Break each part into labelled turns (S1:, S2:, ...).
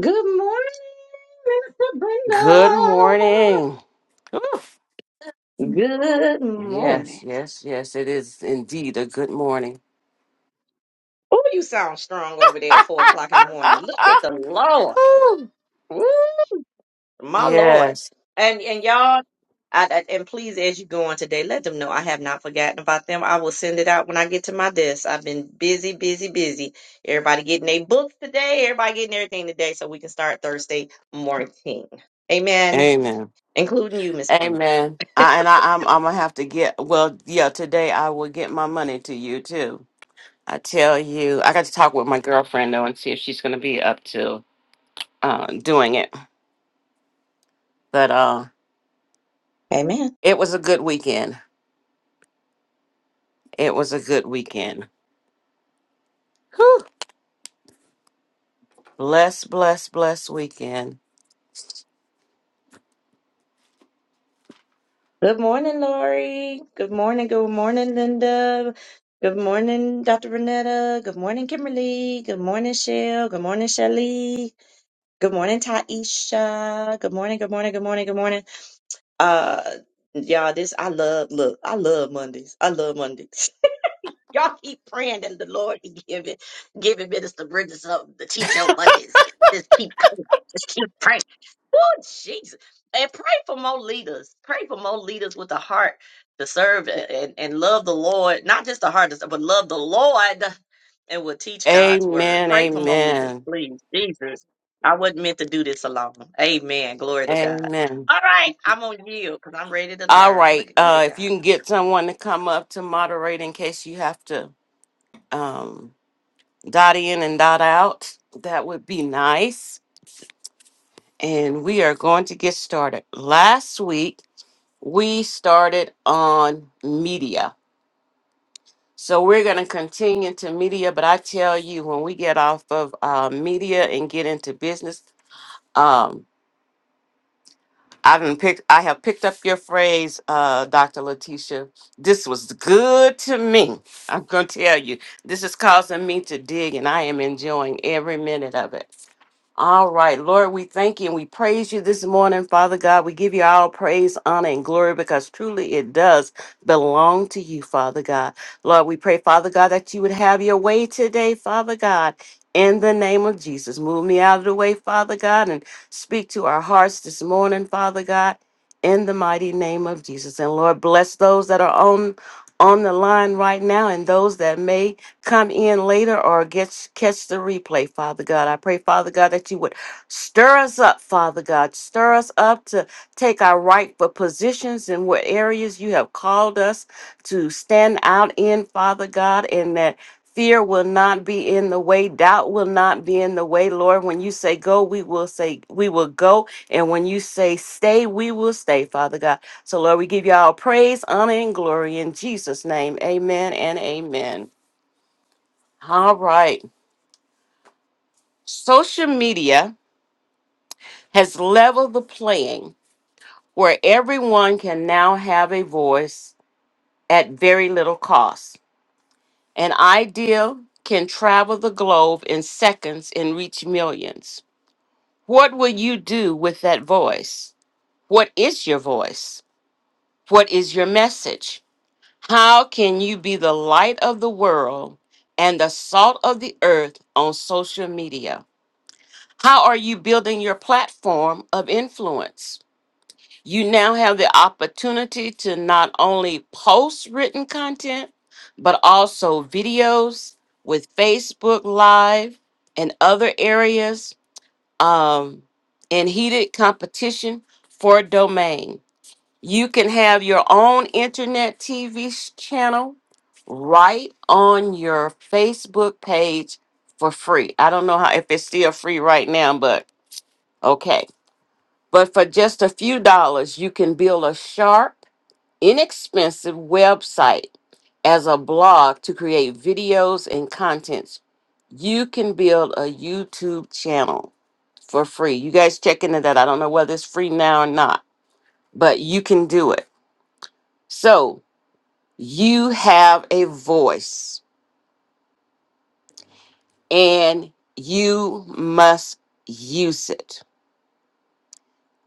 S1: Good morning, Mr.
S2: Good morning. Oof.
S1: Brenda. Good
S2: Yes,
S1: morning.
S2: yes, yes. It is indeed a good morning.
S1: Oh, you sound strong over there at four o'clock in the morning. Look at the Lord.
S2: Whew.
S1: Woo, my Lord.
S2: yes.
S1: And and y'all, I, I- and please, as you go on today, let them know I have not forgotten about them. I will send it out when I get to my desk. I've been busy, busy, busy. Everybody getting their books today. Everybody getting everything today, so we can start Thursday morning. Amen.
S2: Amen.
S1: Including you, Miss Brenda.
S2: Amen. I, and I, I'm, I'm gonna have to get. Well, yeah. Today I will get my money to you too. I tell you, I got to talk with my girlfriend though and see if she's gonna be up to uh, doing it. But uh,
S1: Amen.
S2: it was a good weekend. It was a good weekend. Whew. Bless, bless, bless weekend.
S1: Good morning, Lori. Good morning. Good morning, Linda. Good morning, Dr. Renetta. Good morning, Kimberly. Good morning, Shell. Good morning, Shelly. Good morning, Taisha. Good morning. Good morning. Good morning. Good morning. Uh, y'all, this I love. Look, I love Mondays. I love Mondays. Y'all keep praying and the Lord be giving giving Minister Bridges something to teach on Mondays. Just keep praying. Just keep praying. Oh Jesus. And pray for more leaders. Pray for more leaders with a heart to serve and, and and love the Lord. Not just a heart to serve, but love the Lord and will teach God's word.
S2: Amen.
S1: Pray for more leaders,
S2: Amen.
S1: please. Jesus. I wasn't meant to do this alone. Amen. Glory to God.
S2: Amen.
S1: All right. I'm on yield because I'm ready to
S2: All
S1: learn.
S2: right.
S1: Look at look
S2: Uh,
S1: at
S2: if
S1: God.
S2: you can get someone to come up to moderate in case you have to um, dot in and dot out, that would be nice. And we are going to get started. Last week, we started on media. So we're going to continue to media, but I tell you, when we get off of uh, media and get into business, um, I didn't pick. I have picked up your phrase, uh, Doctor Letitia. This was good to me. I'm gonna tell you, this is causing me to dig, and I am enjoying every minute of it. All right, Lord, we thank you and we praise you this morning, Father God. We give you all praise, honor, and glory because truly it does belong to you, Father God. Lord, we pray, Father God, that you would have your way today, Father God. In the name of Jesus, move me out of the way, Father God, and speak to our hearts this morning, Father God, in the mighty name of Jesus. And Lord, bless those that are on on the line right now and those that may come in later or get, catch the replay, Father God. I pray, Father God, that you would stir us up, Father God. Stir us up to take our rightful positions in what areas you have called us to stand out in, Father God, and that fear will not be in the way doubt will not be in the way lord when you say go we will say we will go and when you say stay we will stay father god so lord we give you all praise honor and glory in jesus name amen and amen all right. Social media has leveled the playing where everyone can now have a voice at very little cost. An idea can travel the globe in seconds and reach millions. What will you do with that voice? What is your voice? What is your message? How can you be the light of the world and the salt of the earth on social media? How are you building your platform of influence? You now have the opportunity to not only post written content, but also videos with Facebook Live and other areas um, in heated competition for domain. You can have your own internet TV channel right on your Facebook page for free. I don't know how if it's still free right now, but Okay. But for just a few dollars, you can build a sharp, inexpensive website as a blog to create videos and contents. You can build a YouTube channel for free. You guys check into that. I don't know whether it's free now or not, but you can do it. So you have a voice and you must use it.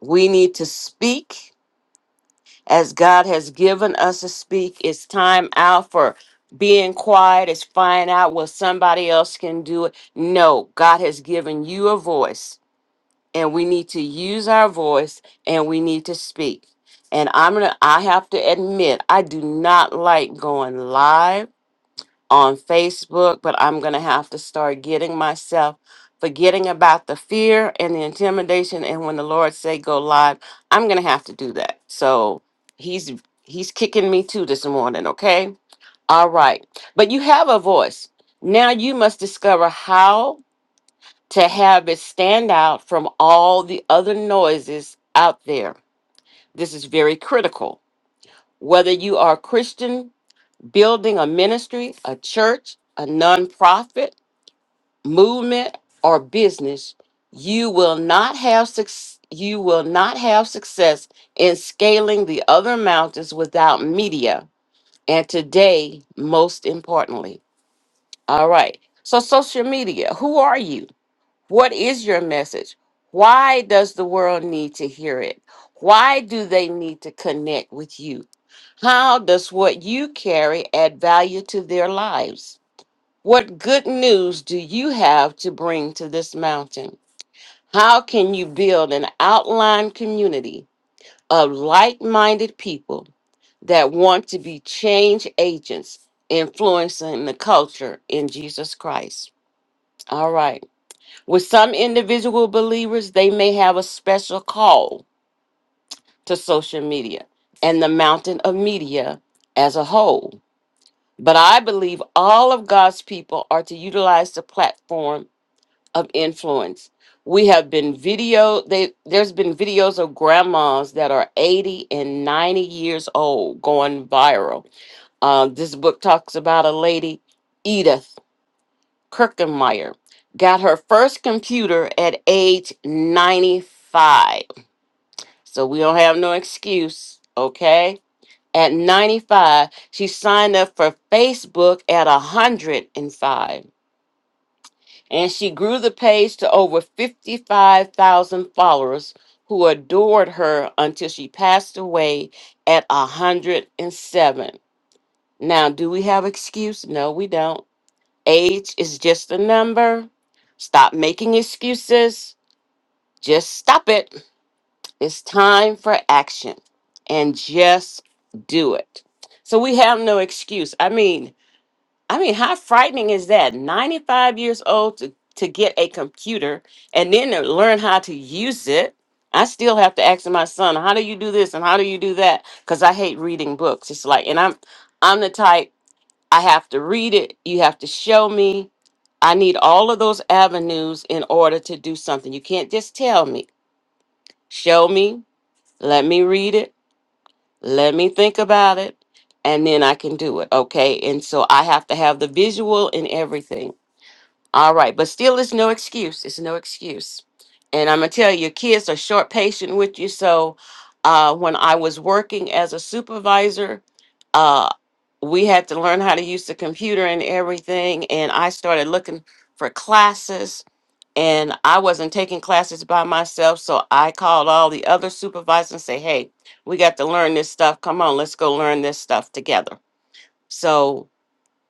S2: We need to speak as God has given us to speak. It's time out for being quiet. It's find out what somebody else can do. It No, God has given you a voice, and we need to use our voice, and we need to speak. And I'm gonna. I have to admit, I do not like going live on Facebook, but I'm going to have to start getting myself forgetting about the fear and the intimidation and when the Lord say go live, I'm going to have to do that. So, he's he's kicking me too this morning, okay? All right. But you have a voice. Now you must discover how to have it stand out from all the other noises out there. This is very critical. Whether you are a Christian, building a ministry, a church, a nonprofit, movement or business you will not have suc- you will not have success in scaling the other mountains without media and today most importantly all right so social media who are you what is your message why does the world need to hear it why do they need to connect with you how does what you carry add value to their lives what good news do you have to bring to this mountain? How can you build an outline community of like minded people that want to be change agents influencing the culture in Jesus Christ? All right. With some individual believers, they may have a special call to social media and the mountain of media as a whole. But I believe all of God's people are to utilize the platform of influence. We have been video they there's been videos of grandmas that are 80 and 90 years old going viral. Uh, this book talks about a lady, Edith Kirkenmeyer, got her first computer at age 95. So we don't have no excuse, okay? At 95, she signed up for Facebook at 105 and she grew the page to over 55,000 followers who adored her until she passed away at 107. Now, do we have excuse? No, we don't. Age is just a number. Stop making excuses. Just stop it. It's time for action and just do it. So we have no excuse. I mean, I mean, how frightening is that? 95 years old to, to get a computer and then to learn how to use it. I still have to ask my son, how do you do this and how do you do that? Because I hate reading books. It's like, and I'm I'm the type, I have to read it, you have to show me. I need all of those avenues in order to do something. You can't just tell me. Show me, let me read it, let me think about it, and then I can do it. Okay. And so I have to have the visual in everything all right, but still, it's no excuse. It's no excuse. And I'm gonna tell you, kids are short patient with you. So, uh, when I was working as a supervisor, uh, we had to learn how to use the computer and everything. And I started looking for classes, and I wasn't taking classes by myself. So I called all the other supervisors and say, "Hey, we got to learn this stuff. Come on, let's go learn this stuff together." So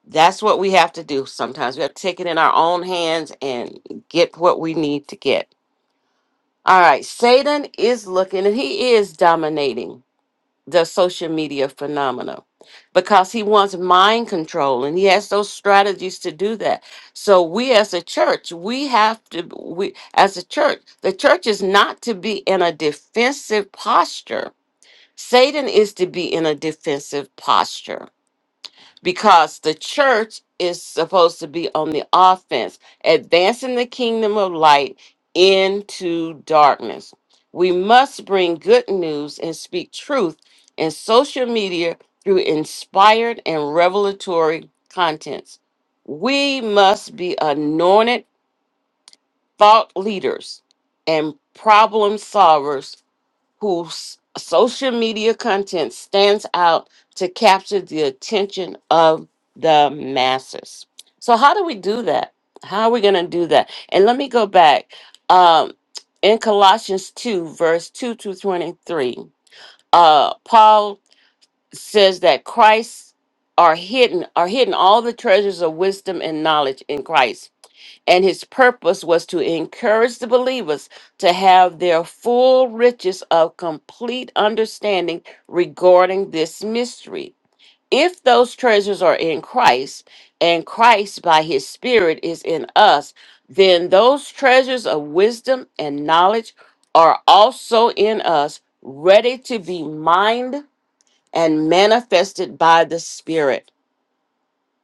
S2: that's what we have to do sometimes. We have to take it in our own hands and get what we need to get. All right, Satan is looking and he is dominating the social media phenomena because he wants mind control and he has those strategies to do that. So we as a church, we have to we as a church, the church is not to be in a defensive posture. Satan is to be in a defensive posture because the church is supposed to be on the offense, advancing the kingdom of light into darkness. We must bring good news and speak truth in social media through inspired and revelatory contents. We must be anointed thought leaders and problem solvers whose social media content stands out to capture the attention of the masses. So, how do we do that? How are we going to do that? And let me go back um, in Colossians 2, verse 2 to 23. Uh, Paul says that Christ are hidden are hidden all the treasures of wisdom and knowledge in Christ and his purpose was to encourage the believers to have their full riches of complete understanding regarding this mystery. If those treasures are in Christ, and Christ by his Spirit is in us, then those treasures of wisdom and knowledge are also in us, ready to be mined and manifested by the Spirit.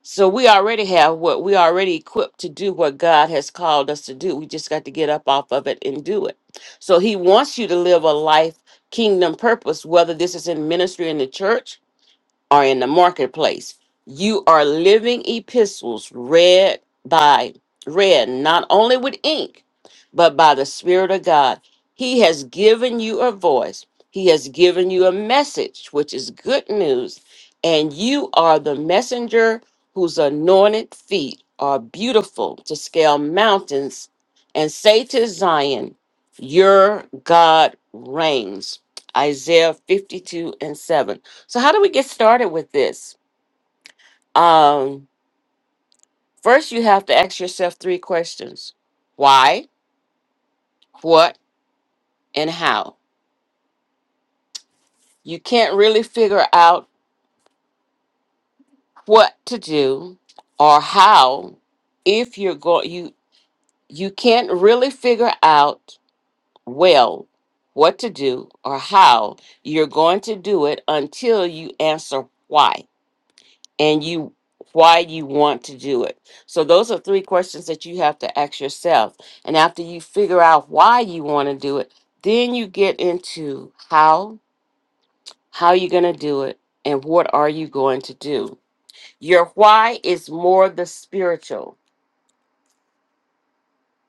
S2: So we already have what we already equipped to do what God has called us to do. We just got to get up off of it and do it. So he wants you to live a life kingdom purpose, whether this is in ministry in the church are in the marketplace. You are living epistles read by read not only with ink, but by the Spirit of God. He has given you a voice. He has given you a message, which is good news, and you are the messenger whose anointed feet are beautiful to scale mountains and say to Zion, Your God reigns. Isaiah 52 and 7. So how do we get started with this? Um, first, you have to ask yourself three questions: why, what, and how. You can't really figure out what to do or how if you're going. You you can't really figure out well what to do or how you're going to do it until you answer why. and you why you want to do it. So those are three questions that you have to ask yourself. And after you figure out why you want to do it, then you get into how, how you're going to do it, and what are you going to do. Your why is more the spiritual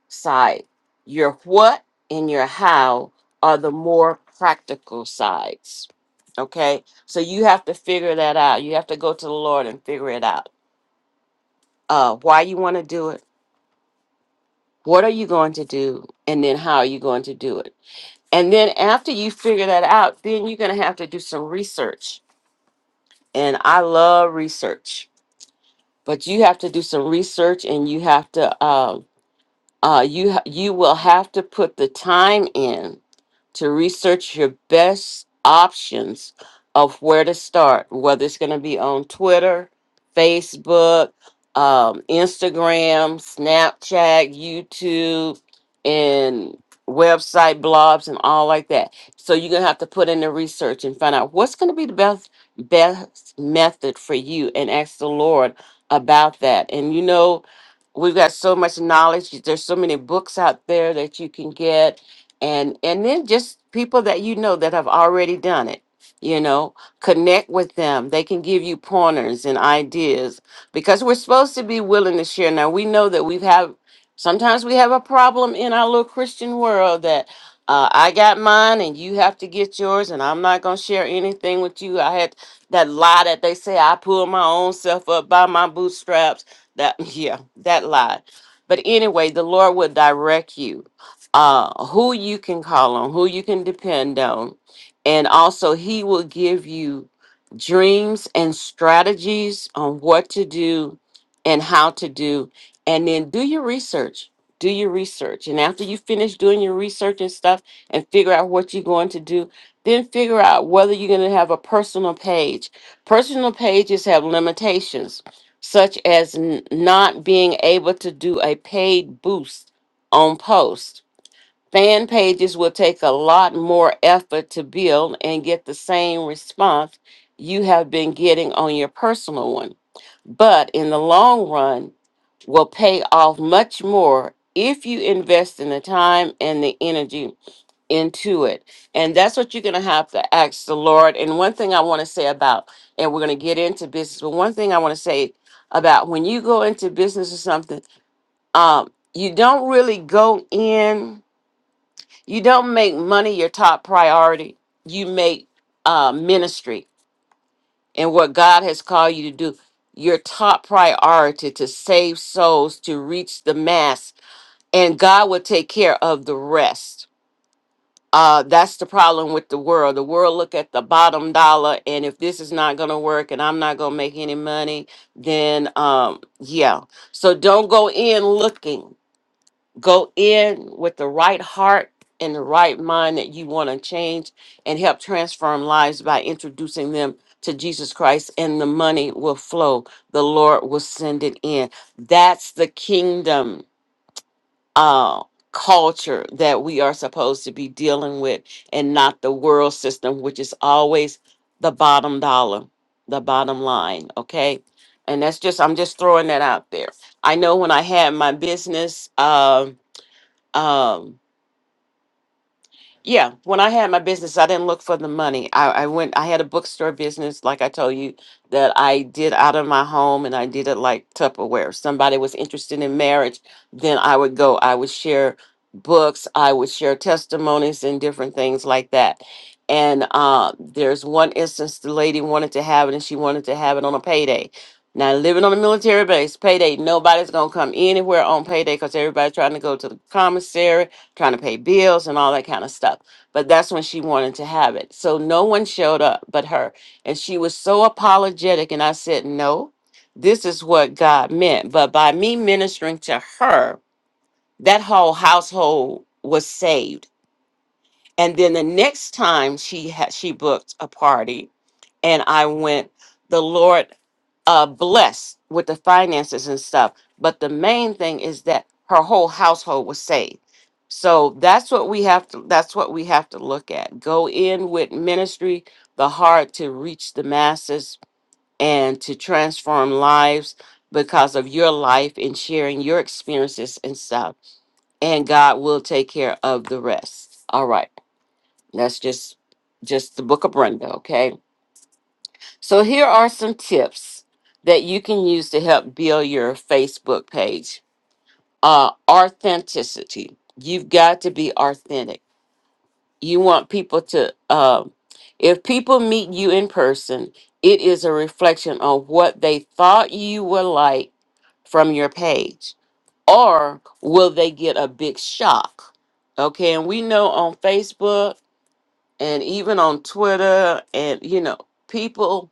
S2: side. Your what and your how are the more practical sides. Okay? So you have to figure that out. You have to go to the Lord and figure it out. Uh why you want to do it What are you going to do? And then how are you going to do it? And then after you figure that out, then you're going to have to do some research. And I love research, but you have to do some research and you have to, um, uh, you, ha- you will have to put the time in to research your best options of where to start, whether it's going to be on Twitter, Facebook, um, Instagram, Snapchat, YouTube, and website blogs and all like that. So you're going to have to put in the research and find out what's going to be the best best method for you and ask the Lord about that. And you know, we've got so much knowledge. There's so many books out there that you can get and and then just people that you know that have already done it you know connect with them they can give you pointers and ideas because we're supposed to be willing to share now we know that we have sometimes we have a problem in our little christian world that uh, i got mine and you have to get yours and i'm not going to share anything with you i had that lie that they say i pull my own self up by my bootstraps that yeah that lie but anyway the lord will direct you uh, who you can call on, who you can depend on. And also, he will give you dreams and strategies on what to do and how to do. And then do your research. Do your research. And after you finish doing your research and stuff and figure out what you're going to do, then figure out whether you're going to have a personal page. Personal pages have limitations, such as n- not being able to do a paid boost on post Fan pages will take a lot more effort to build and get the same response you have been getting on your personal one, but in the long run, will pay off much more if you invest in the time and the energy into it. And that's what you're going to have to ask the Lord. And one thing I want to say about, and we're going to get into business, but one thing I want to say about when you go into business or something, um, you don't really go in. You don't make money your top priority. You make uh, ministry and what God has called you to do your top priority to save souls, to reach the mass, and God will take care of the rest. Uh, that's the problem with the world. The world look at the bottom dollar, and if this is not going to work, and I'm not going to make any money, then um, yeah. So don't go in looking go in with the right heart and the right mind that you want to change and help transform lives by introducing them to Jesus Christ and the money will flow the Lord will send it in that's the kingdom uh culture that we are supposed to be dealing with and not the world system which is always the bottom dollar the bottom line okay and that's just I'm just throwing that out there I know when I had my business um um yeah when i had my business i didn't look for the money I, I went i had a bookstore business like i told you that i did out of my home and i did it like tupperware if somebody was interested in marriage then i would go i would share books i would share testimonies and different things like that and uh, there's one instance the lady wanted to have it and she wanted to have it on a payday now living on a military base payday nobody's gonna come anywhere on payday because everybody's trying to go to the commissary trying to pay bills and all that kind of stuff. But that's when she wanted to have it. So no one showed up but her. And she was so apologetic. And I said, No, this is what God meant. But by me ministering to her, that whole household was saved. And then the next time she had she booked a party and I went, the Lord uh blessed with the finances and stuff but the main thing is that her whole household was saved so that's what we have to that's what we have to look at go in with ministry the heart to reach the masses and to transform lives because of your life and sharing your experiences and stuff and god will take care of the rest all right that's just just the book of brenda okay so here are some tips that you can use to help build your Facebook page. Uh, authenticity. You've got to be authentic. You want people to, um, if people meet you in person, it is a reflection on what they thought you were like from your page, or will they get a big shock? Okay, and we know on Facebook and even on Twitter, and you know, people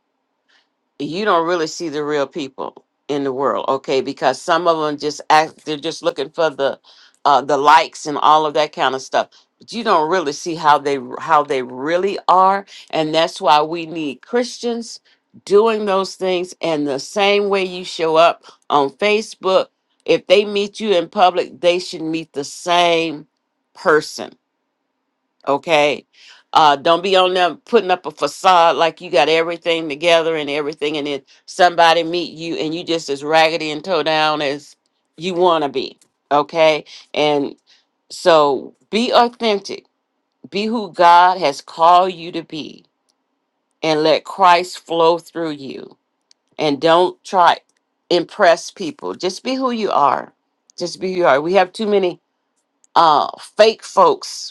S2: you don't really see the real people in the world okay because some of them just act they're just looking for the uh the likes and all of that kind of stuff but you don't really see how they how they really are and that's why we need christians doing those things and the same way you show up on facebook if they meet you in public they should meet the same person okay uh don't be on them putting up a facade like you got everything together and everything and then somebody meet you and you just as raggedy and toe down as you want to be okay and so be authentic be who god has called you to be and let christ flow through you and don't try impress people just be who you are just be who you are we have too many uh fake folks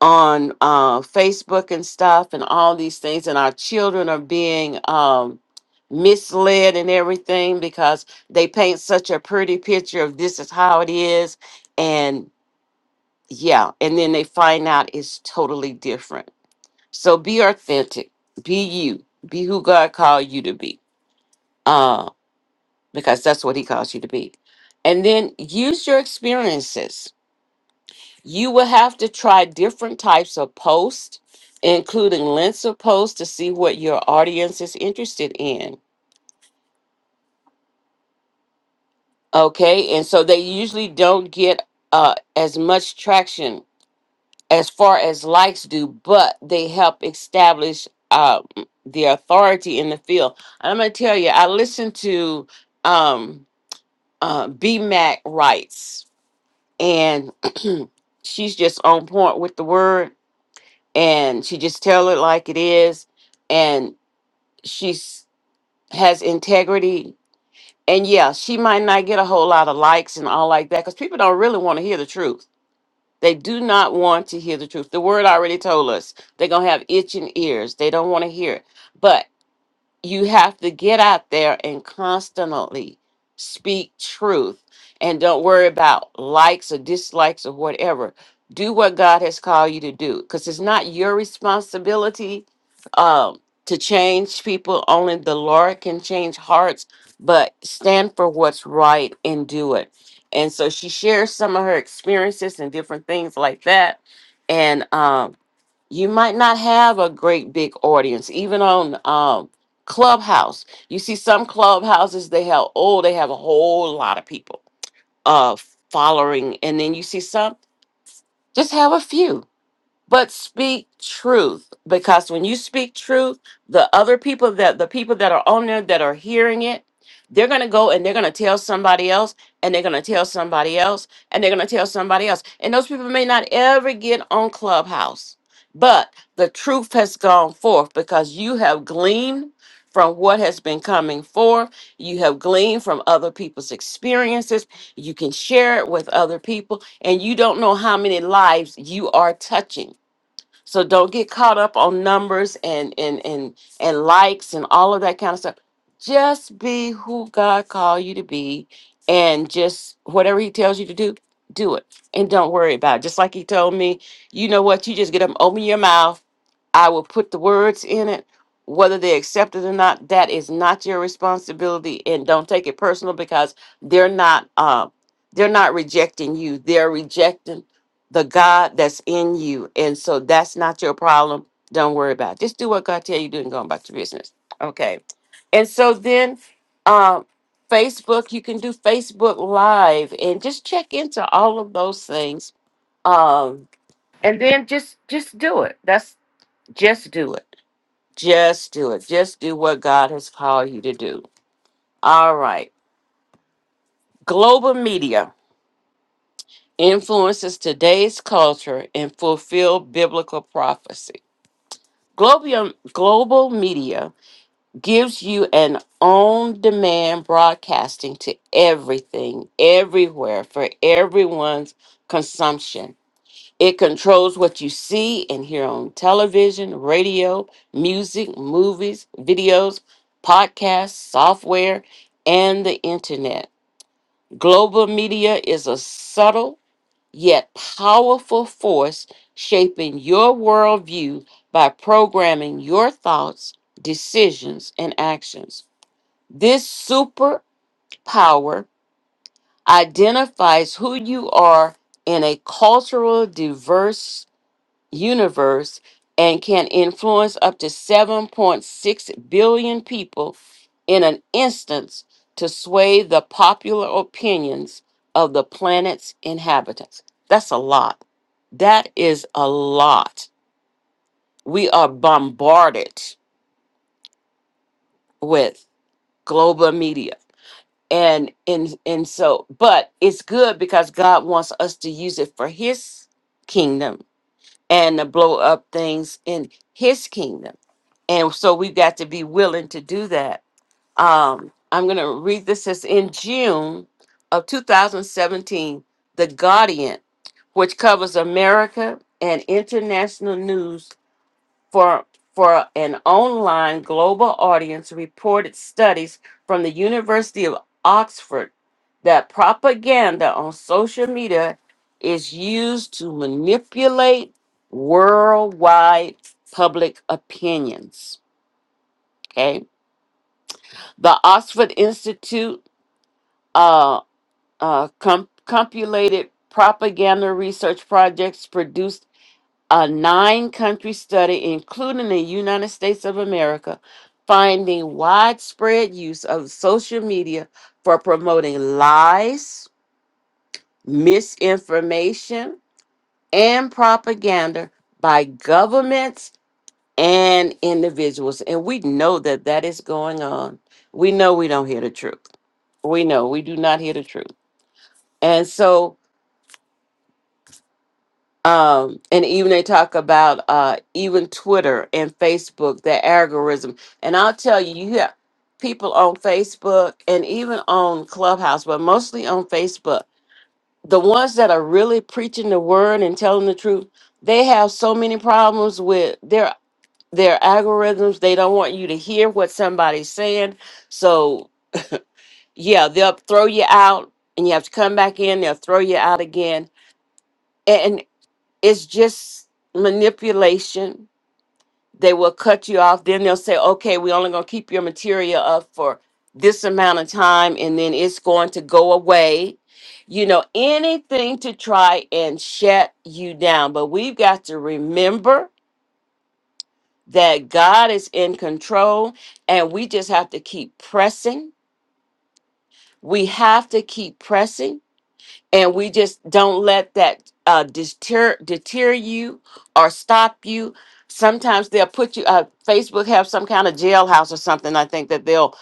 S2: on uh, Facebook and stuff and all these things, and our children are being um, misled and everything because they paint such a pretty picture of this is how it is, and yeah, and then they find out it's totally different. So be authentic, be you, be who God called you to be, uh, because that's what He calls you to be, and then use your experiences You will have to try different types of posts, including links of posts to see what your audience is interested in. Okay, and so they usually don't get uh, as much traction as far as likes do, but they help establish uh, the authority in the field. And I'm gonna tell you, I listened to um, uh, B Mac writes, and she's just on point with the word and she just tell it like it is and she's has integrity and yeah she might not get a whole lot of likes and all like that because people don't really want to hear the truth they do not want to hear the truth the word already told us they're gonna have itching ears they don't want to hear it But you have to get out there and constantly speak truth and don't worry about likes or dislikes or whatever. Do what God has called you to do because it's not your responsibility um, to change people. Only the Lord can change hearts, but stand for what's right and do it. And so she shares some of her experiences and different things like that. And um, you might not have a great big audience even on um clubhouse you see some clubhouses they have oh they have a whole lot of people uh following and then you see some just have a few but speak truth because when you speak truth the other people that the people that are on there that are hearing it they're going to go and they're going to tell somebody else and they're going to tell somebody else and they're going to tell somebody else and those people may not ever get on clubhouse but the truth has gone forth because you have gleaned from what has been coming forth you have gleaned from other people's experiences you can share it with other people and you don't know how many lives you are touching so don't get caught up on numbers and and and and likes and all of that kind of stuff. Just be who God called you to be, and just whatever He tells you to do, do it, and don't worry about it. Just like He told me, you know what? You just get up, open your mouth. I will put the words in it. Whether they accept it or not, that is not your responsibility, and don't take it personal because they're not. Uh, they're not rejecting you. They're rejecting the God that's in you. And so that's not your problem. Don't worry about it. Just do what God tell you to do and go about your business. Okay. And so then um Facebook, you can do Facebook Live and just check into all of those things. Um and then just just do it. That's just do it. Just do it. Just do what God has called you to do. All right. Global media influences today's culture and fulfill biblical prophecy. Global, global media gives you an on demand broadcasting to everything, everywhere, for everyone's consumption. It controls what you see and hear on television, radio, music, movies, videos, podcasts, software, and the internet. Global media is a subtle yet powerful force shaping your worldview by programming your thoughts, decisions, and actions. This superpower identifies who you are in a cultural diverse universe and can influence up to 7.6 billion people in an instance to sway the popular opinions of the planet's inhabitants. That's a lot. That is a lot. We are bombarded with global media. And and and so but it's good because God wants us to use it for his kingdom and to blow up things in his kingdom. And so we've got to be willing to do that. Um, I'm going to read this as in June of 2017, The Guardian, which covers America and international news for for an online global audience reported studies from the University of Oxford that propaganda on social media is used to manipulate worldwide public opinions. Okay, the Oxford Institute uh, uh, com- compulated propaganda research projects produced a nine country study, including the United States of America, finding widespread use of social media for promoting lies, misinformation, and propaganda by governments and individuals. And we know that that is going on. We know we don't hear the truth. We know we do not hear the truth. And so um, and even they talk about uh, even Twitter and Facebook, their algorithm. And I'll tell you, you have people on Facebook and even on Clubhouse, but mostly on Facebook. The ones that are really preaching the word and telling the truth, they have so many problems with their their algorithms. They don't want you to hear what somebody's saying. So yeah, they'll throw you out, and you have to come back in. They'll throw you out again it's just manipulation. They will cut you off. Then they'll say, okay, we're only going to keep your material up for this amount of time and then it's going to go away. You know, anything to try and shut you down. But we've got to remember that God is in control and we just have to keep pressing. We have to keep pressing and we just don't let that uh, deter deter you or stop you. Sometimes they'll put you. Uh, Facebook have some kind of jailhouse or something. I think that they'll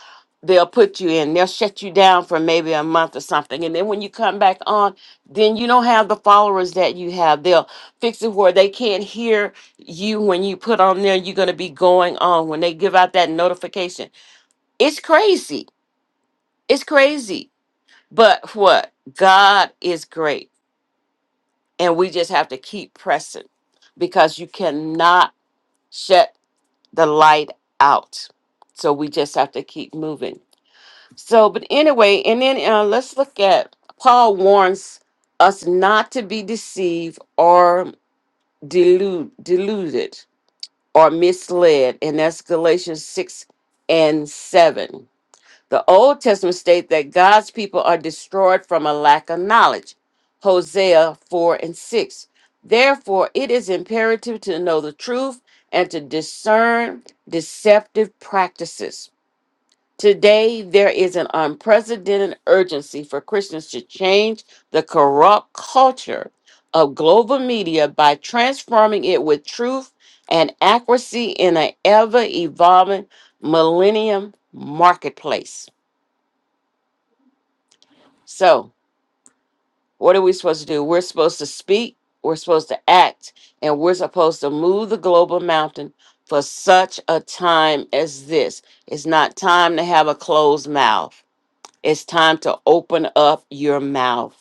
S2: they'll put you in. They'll shut you down for maybe a month or something, and then when you come back on, then you don't have the followers that you have. They'll fix it where they can't hear you when you put on there. You're going to be going on when they give out that notification. It's crazy. It's crazy. But what God is great and we just have to keep pressing because you cannot shut the light out so we just have to keep moving so but anyway and then uh, let's look at paul warns us not to be deceived or delude, deluded or misled and that's galatians 6 and 7 the Old Testament states that God's people are destroyed from a lack of knowledge. Hosea 4 and 6. Therefore, it is imperative to know the truth and to discern deceptive practices. Today, there is an unprecedented urgency for Christians to change the corrupt culture of global media by transforming it with truth and accuracy in an ever evolving millennium marketplace. So, what are we supposed to do? We're supposed to speak, we're supposed to act, and we're supposed to move the global mountain for such a time as this. It's not time to have a closed mouth, it's time to open up your mouth.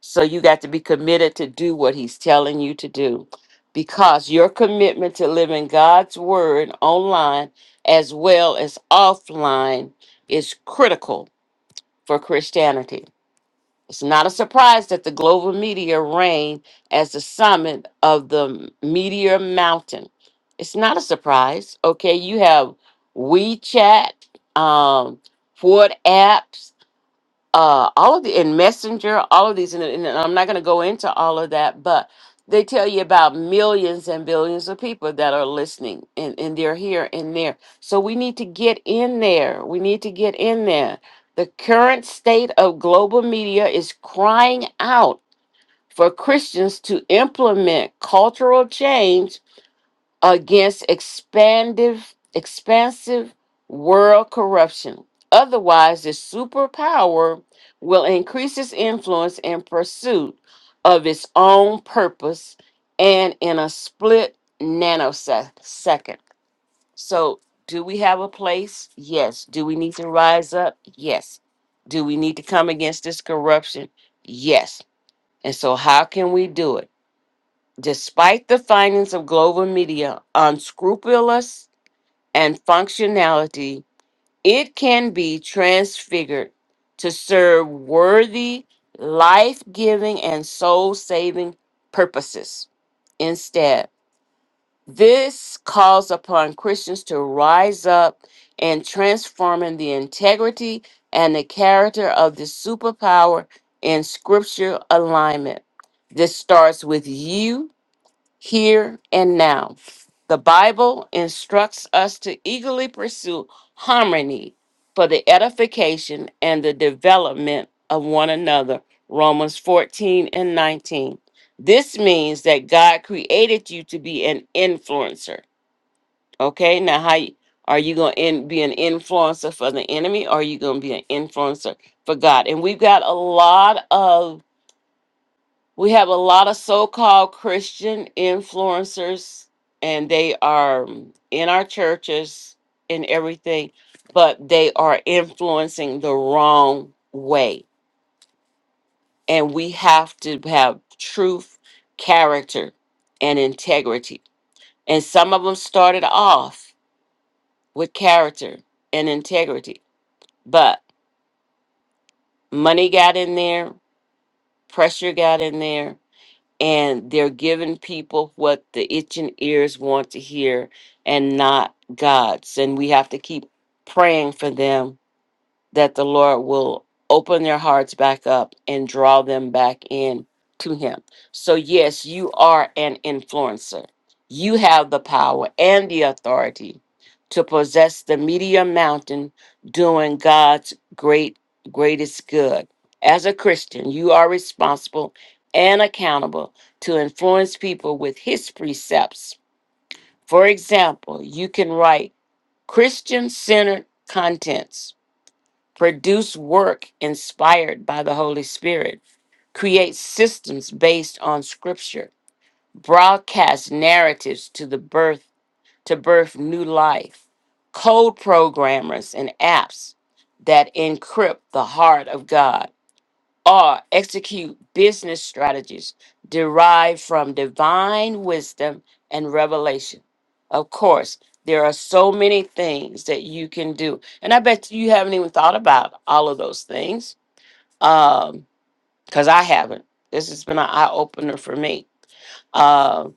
S2: So, you got to be committed to do what He's telling you to do because your commitment to living God's word online as well as offline is critical for Christianity. It's not a surprise that the global meteor rain as the summit of the meteor mountain. It's not a surprise. Okay, you have WeChat, um, Ford apps uh all of the in messenger all of these and, and i'm not going to go into all of that but they tell you about millions and billions of people that are listening and, and they're here and there so we need to get in there we need to get in there the current state of global media is crying out for christians to implement cultural change against expandive, expansive world corruption. Otherwise, the superpower will increase its influence in pursuit of its own purpose and in a split nanosecond. So, do we have a place? Yes. Do we need to rise up? Yes. Do we need to come against this corruption? Yes. And so, how can we do it? Despite the findings of global media unscrupulous and functionality, it can be transfigured to serve worthy, life giving, and soul saving purposes. Instead, this calls upon Christians to rise up and transforming the integrity and the character of the superpower in scripture alignment. This starts with you here and now. The Bible instructs us to eagerly pursue harmony for the edification and the development of one another. Romans 14 and 19. This means that God created you to be an influencer. Okay, now how you- are you going to be an influencer for the enemy or are you going to be an influencer for God? And we've got a lot of we have a lot of so called Christian influencers, and they are um, in our churches and everything, but they are influencing the wrong way. And we have to have truth, character, and integrity. And some of them started off with character and integrity, but money got in there, pressure got in there, and they're giving people what the itching ears want to hear and not God's. And we have to keep praying for them that the Lord will open their hearts back up and draw them back in to Him. So, yes, you are an influencer. You have the power and the authority to possess the media mountain, doing God's great, greatest good. As a Christian, you are responsible and accountable to influence people with His precepts. For example, you can write Christian centered contents Produce work inspired by the Holy Spirit. Create systems based on scripture. Broadcast narratives to the birth to birth new life. Code programmers and apps that encrypt the heart of God or execute business strategies derived from divine wisdom and revelation. Of course, there are so many things that you can do. And I bet you haven't even thought about all of those things um, because I haven't. This has been an eye opener for me. Uh,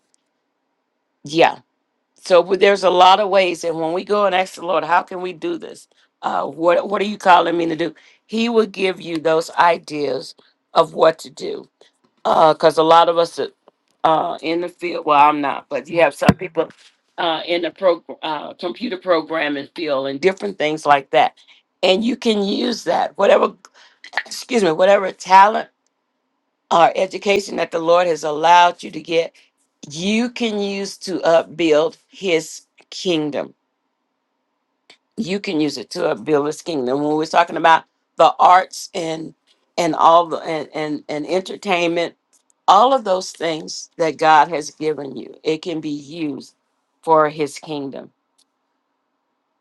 S2: yeah. So but there's a lot of ways. And when we go and ask the Lord, how can we do this? Uh, what, what are you calling me to do? He will give you those ideas of what to do because a lot of us that, uh, in the field, well, I'm not, but you have some people uh, in the pro, uh, computer programming field and different things like that. And you can use that, whatever, excuse me, whatever talent or education that the Lord has allowed you to get, you can use to upbuild His kingdom you can use it to build His kingdom. When we're talking about the arts and and all the and, and and entertainment, all of those things that God has given you, it can be used for His kingdom.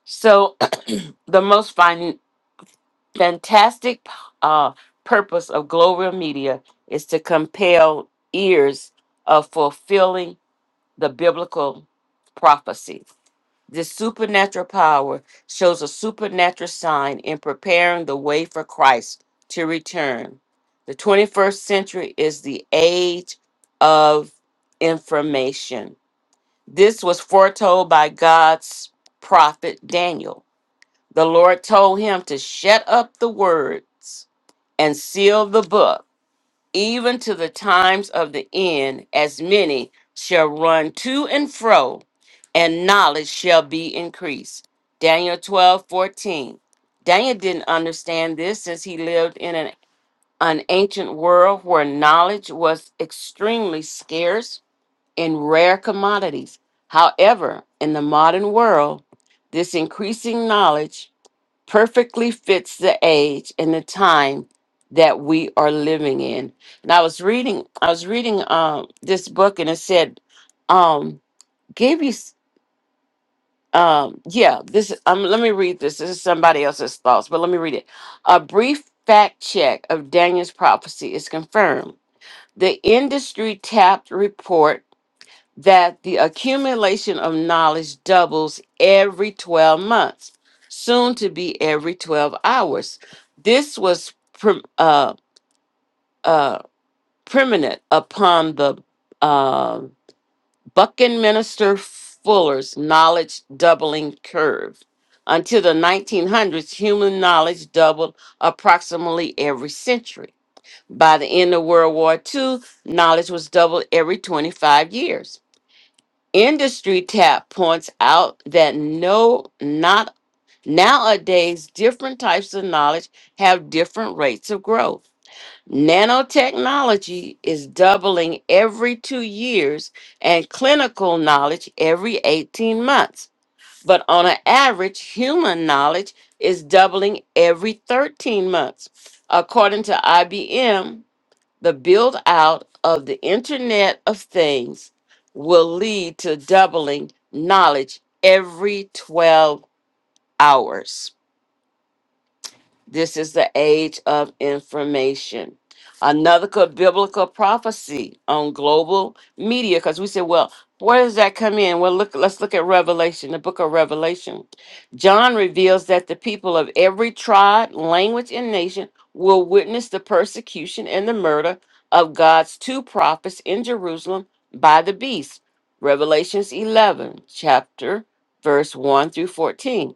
S2: So the most fin- fantastic uh, purpose of global media is to compel ears of fulfilling the biblical prophecy This supernatural power shows a supernatural sign in preparing the way for Christ to return. The 21st century is the age of information. This was foretold by God's prophet Daniel. The Lord told him to shut up the words and seal the book even to the times of the end, as many shall run to and fro, and knowledge shall be increased. Daniel 12 14. Daniel didn't understand this since he lived in an, an ancient world where knowledge was extremely scarce and rare commodities. However, in the modern world, this increasing knowledge perfectly fits the age and the time that we are living in. And I was reading, I was reading um, this book, and it said, um, "Gave you, s- um, yeah, this. Um, let me read this. This is somebody else's thoughts, but let me read it. A brief fact check of Daniel's prophecy is confirmed. The industry tapped report." that the accumulation of knowledge doubles every 12 months, soon to be every 12 hours. This was pre- uh, uh, permanent upon the uh, Buckminster Fuller's knowledge doubling curve. Until the 1900s, human knowledge doubled approximately every century. By the end of World War II, knowledge was doubled every 25 years. Industry Tap points out that no, not nowadays, different types of knowledge have different rates of growth. Nanotechnology is doubling every two years and clinical knowledge every 18 months. But on an average, human knowledge is doubling every 13 months. According to IBM, the build out of the Internet of Things will lead to doubling knowledge every 12 hours. This is the age of information. Another could biblical prophecy on global media, because we said, well, where does that come in? Well, look, let's look at Revelation, the book of Revelation. John reveals that the people of every tribe, language, and nation will witness the persecution and the murder of God's two prophets in Jerusalem by the beast. Revelations 11, chapter verse 1 through 14.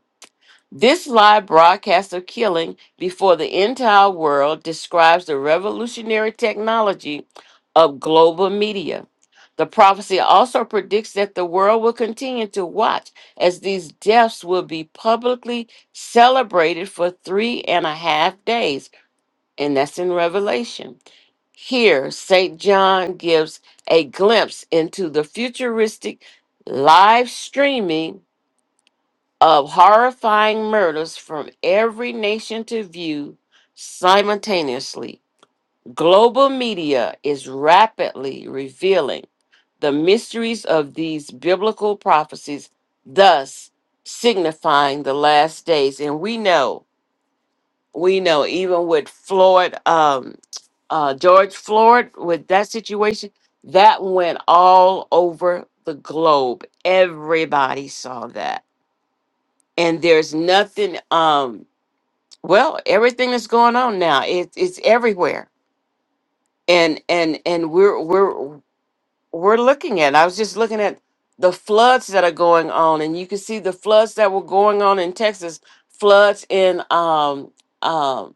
S2: This live broadcast of killing before the entire world describes the revolutionary technology of global media. The prophecy also predicts that the world will continue to watch as these deaths will be publicly celebrated for three and a half days, and that's in Revelation. Here, St. John gives a glimpse into the futuristic live streaming of horrifying murders from every nation to view simultaneously. Global media is rapidly revealing the mysteries of these biblical prophecies, thus signifying the last days. And we know, we know, even with Floyd, um, uh, George Floyd, with that situation, that went all over the globe. Everybody saw that and there's nothing um Well, everything that's going on now, it, it's everywhere, and and and we're we're we're looking at. I was just looking at the floods that are going on, and you can see the floods that were going on in Texas, floods in um um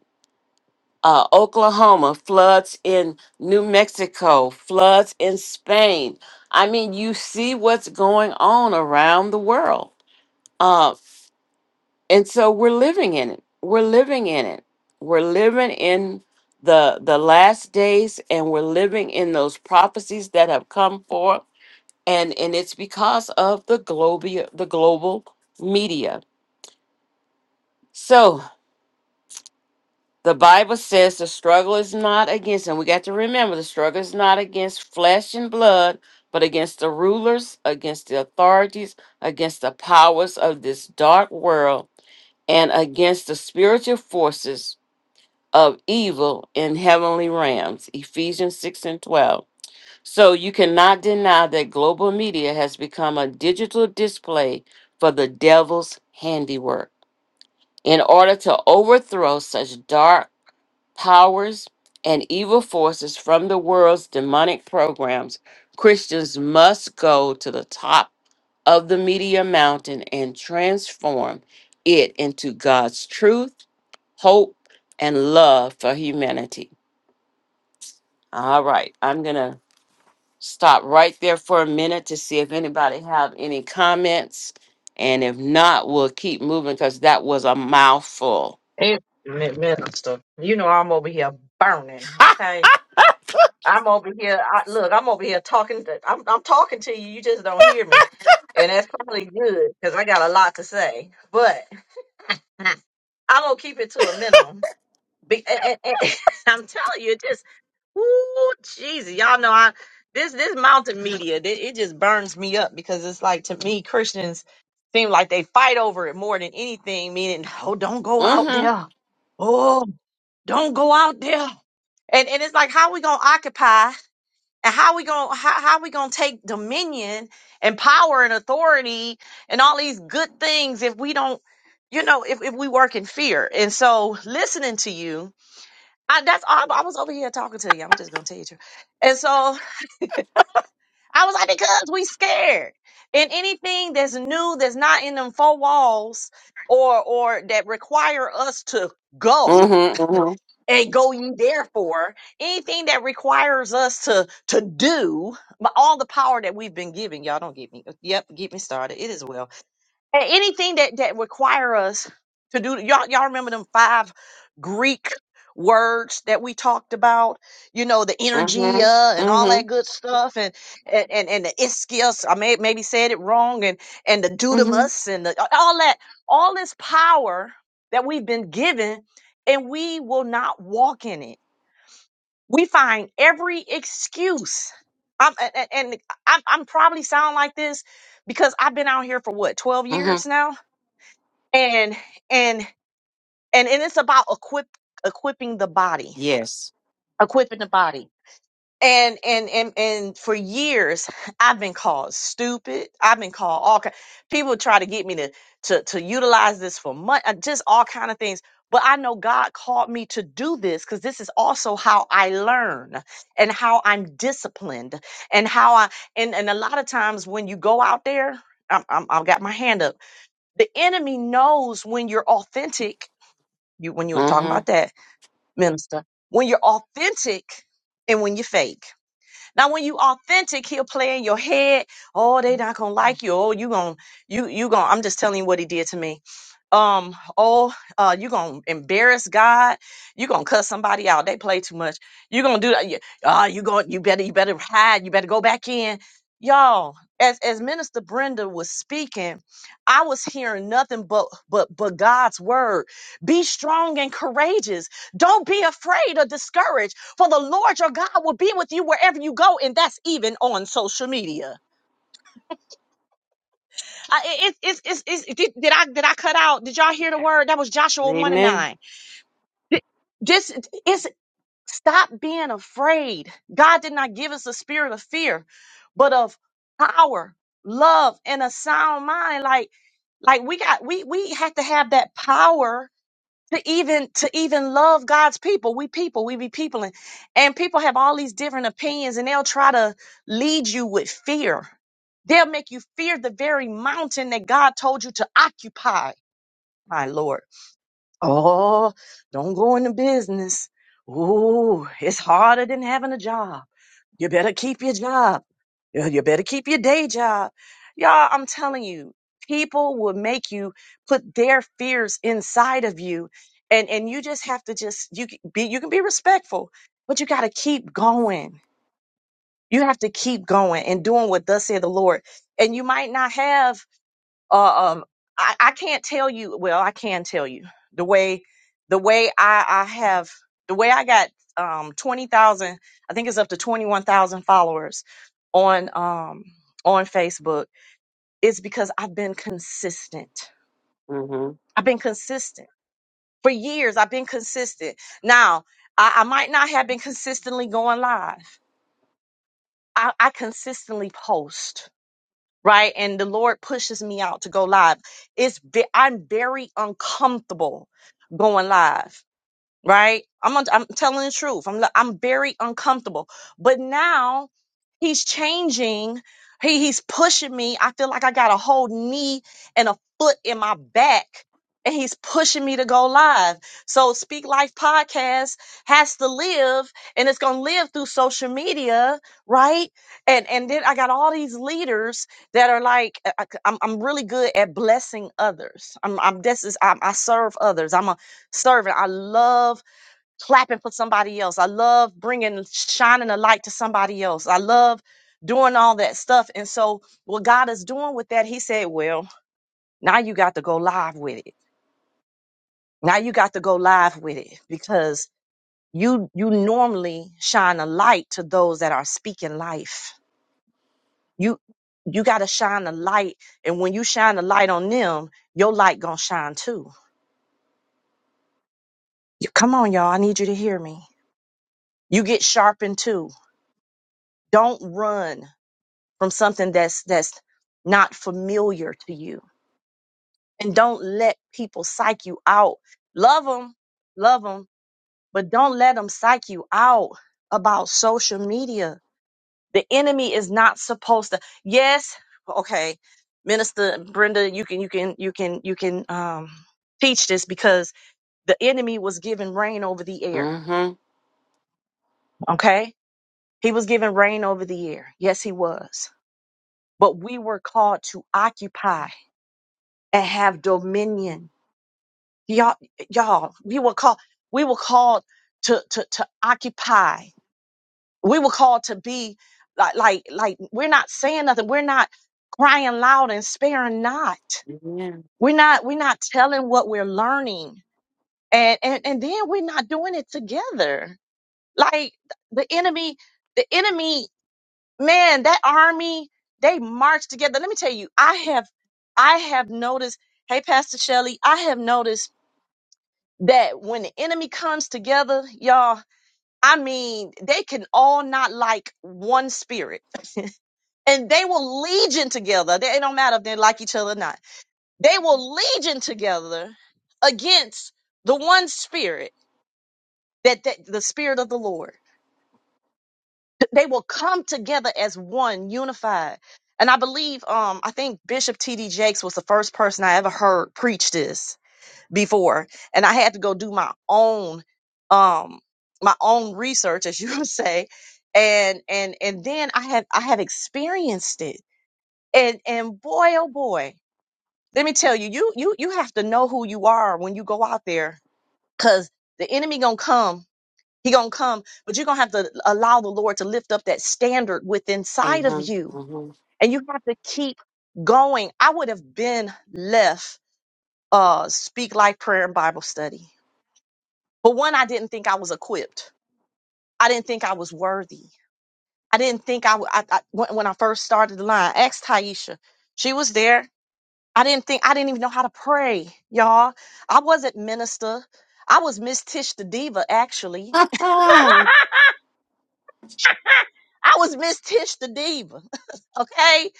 S2: uh, Oklahoma, floods in New Mexico, floods in Spain. I mean, you see what's going on around the world. Uh, and so we're living in it we're living in it we're living in the the last days and we're living in those prophecies that have come forth and and it's because of the global the global media so the bible says the struggle is not against and we got to remember the struggle is not against flesh and blood but against the rulers against the authorities against the powers of this dark world and against the spiritual forces of evil in heavenly realms. Ephesians 6 and 12. So you cannot deny that global media has become a digital display for the devil's handiwork. In order to overthrow such dark powers and evil forces from the world's demonic programs, Christians must go to the top of the media mountain and transform it into God's truth, hope, and love for humanity. All right, I'm gonna stop right there for a minute to see if anybody have any comments, and if not, we'll keep moving because that was a mouthful.
S1: It mi- minister, you know I'm over here burning. Okay, I'm over here. I, look, I'm over here talking. To, I'm I'm talking to you. You just don't hear me, and that's probably good because I got a lot to say. But I'm gonna keep it to a minimum. Be, and, and- and I'm telling you, it just ooh, Jesus, y'all know I this this mountain media it, it just burns me up because it's like to me Christians seem like they fight over it more than anything. Meaning, oh, don't go out
S2: Mhm.
S1: there. Oh, don't go out there. And and it's like how we gonna occupy and how we gonna how, how we gonna take dominion and power and authority and all these good things if we don't you know if, if we work in fear and so listening to you I, that's all I was over here talking to you I'm just gonna tell you the truth and so I was like because we scared and anything that's new that's not in them four walls or or that require us to
S2: Mhm.
S1: go
S2: Mhm.
S1: and going therefore anything that requires us to to do but all the power that we've been given y'all don't get me yep get me started it is well and anything that that require us to do y'all y'all remember them five Greek words that we talked about, you know, the
S2: Mhm.
S1: energia and all that
S2: Mhm.
S1: good stuff and and and, and the ischios, I may maybe said it wrong and and the
S2: Mhm.
S1: dudamus and the, all that all this power that we've been given and we will not walk in it. We find every excuse. I'm, and and and I'm, I'm probably sound like this because I've been out here for what 12
S2: Mhm.
S1: years now and and and and it's about equip equipping the body
S2: Yes.
S1: equipping the body and and and and for years i've been called stupid i've been called all kind people try to get me to to to utilize this for money just all kind of things but i know god called me to do this because this is also how i learn and how i'm disciplined and how i and and a lot of times when you go out there I'm, I'm, i've got my hand up the enemy knows when you're authentic you when you were talking
S2: Mhm.
S1: about that minister when you're authentic and when you're fake now, when you authentic, he'll play in your head. Oh, they not gonna like you. Oh, you gonna you you gonna. I'm just telling you what he did to me. Um. Oh, uh, you gonna embarrass God. You gonna cuss somebody out. They play too much. You gonna do that. You, Ah, you going You better. You better hide. You better go back in. Y'all, as as Minister Brenda was speaking, I was hearing nothing but but but God's word. Be strong and courageous. Don't be afraid or discouraged. For the Lord your God will be with you wherever you go, and that's even on social media. I, it, it, it's it's it's did, did I did I cut out? Did y'all hear the word? That was Joshua one and
S2: Amen.
S1: nine. Th- This is stop being afraid. God did not give us a spirit of fear, but of power, love, and a sound mind. Like like we got we we have to have that power to even to even love God's people. We people, we be people and, and people have all these different opinions and they'll try to lead you with fear. They'll make you fear the very mountain that God told you to occupy, my Lord. Oh, don't go into business. Ooh, it's harder than having a job. You better keep your job. You you better keep your day job. Y'all, I'm telling you, people will make you put their fears inside of you. And, and you just have to just, you can be, you can be respectful, but you got to keep going. You have to keep going and doing what thus said the Lord. And you might not have uh, um I, I can't tell you well i can tell you the way the way i i have the way i got um 20,000 i think it's up to 21,000 followers on um on facebook is because i've been consistent
S2: Mhm.
S1: i've been consistent for years i've been consistent now i, I might not have been consistently going live I, I consistently post right? And the Lord pushes me out to go live. It's ve- I'm very uncomfortable going live right? I'm on- I'm telling the truth. I'm I'm very uncomfortable. But now he's changing. He he's pushing me. I feel like I got a whole knee and a foot in my back. And he's pushing me to go live. So Speak Life podcast has to live and it's gonna live through social media, right? And and then I got all these leaders that are like I, I- I'm I'm really good at blessing others. I'm I'm this is I'm, I serve others. I'm a servant. I love clapping for somebody else. I love bringing, shining a light to somebody else. I love doing all that stuff. And so, what God is doing with that, He said, Well, now you got to go live with it. Now you got to go live with it because you you normally shine a light to those that are speaking life. You you got to shine a light, and when you shine a light on them, your light gonna shine too. You, come on, y'all! I need you to hear me. You get sharpened too. Don't run. from something that's that's not familiar to you and don't let people psych you out love them love them but don't let them psych you out about social media the enemy is not supposed to yes okay minister brenda you can you can you can you can um teach this because the enemy was given rain over the air
S2: Mhm.
S1: okay he was given rain over the air yes he was but we were called to occupy and have dominion. Y'all, y'all, we were called, we were called to, to, to occupy. We were called to be like, like, like, we're not saying nothing. We're not crying loud and sparing not.
S2: Amen.
S1: We're not, we're not telling what we're learning. And, and, and then we're not doing it together. Like the enemy, the enemy, man, that army, they march together. Let me tell you, I have, I have noticed, hey, Pastor Shelley, I have noticed that when the enemy comes together, y'all, I mean, they can all not like one spirit and they will legion together. They, it don't matter if they like each other or not. They will legion together against the one spirit that, that the spirit of the Lord. They will come together as one unified. And I believe, um, I think Bishop T.D. Jakes was the first person I ever heard preach this before and i had to go do my own um my own research as you would say and and and then i had i had experienced it and and boy oh boy let me tell you you you you have to know who you are when you go out there because the enemy gonna come he gonna come but you're gonna have to allow the lord to lift up that standard within inside of
S2: Mhm.
S1: you
S2: Mhm.
S1: and you have to keep going i would have been left uh speak life prayer and bible study But one, I didn't think I was equipped. I didn't think I was worthy. I didn't think I, w- I, I- when, when I first started the line, asked Taisha. She was there. I didn't think, I didn't even know how to pray, y'all. I wasn't minister. I was Miss Tish the Diva, actually. I was Miss Tish the Diva. Okay.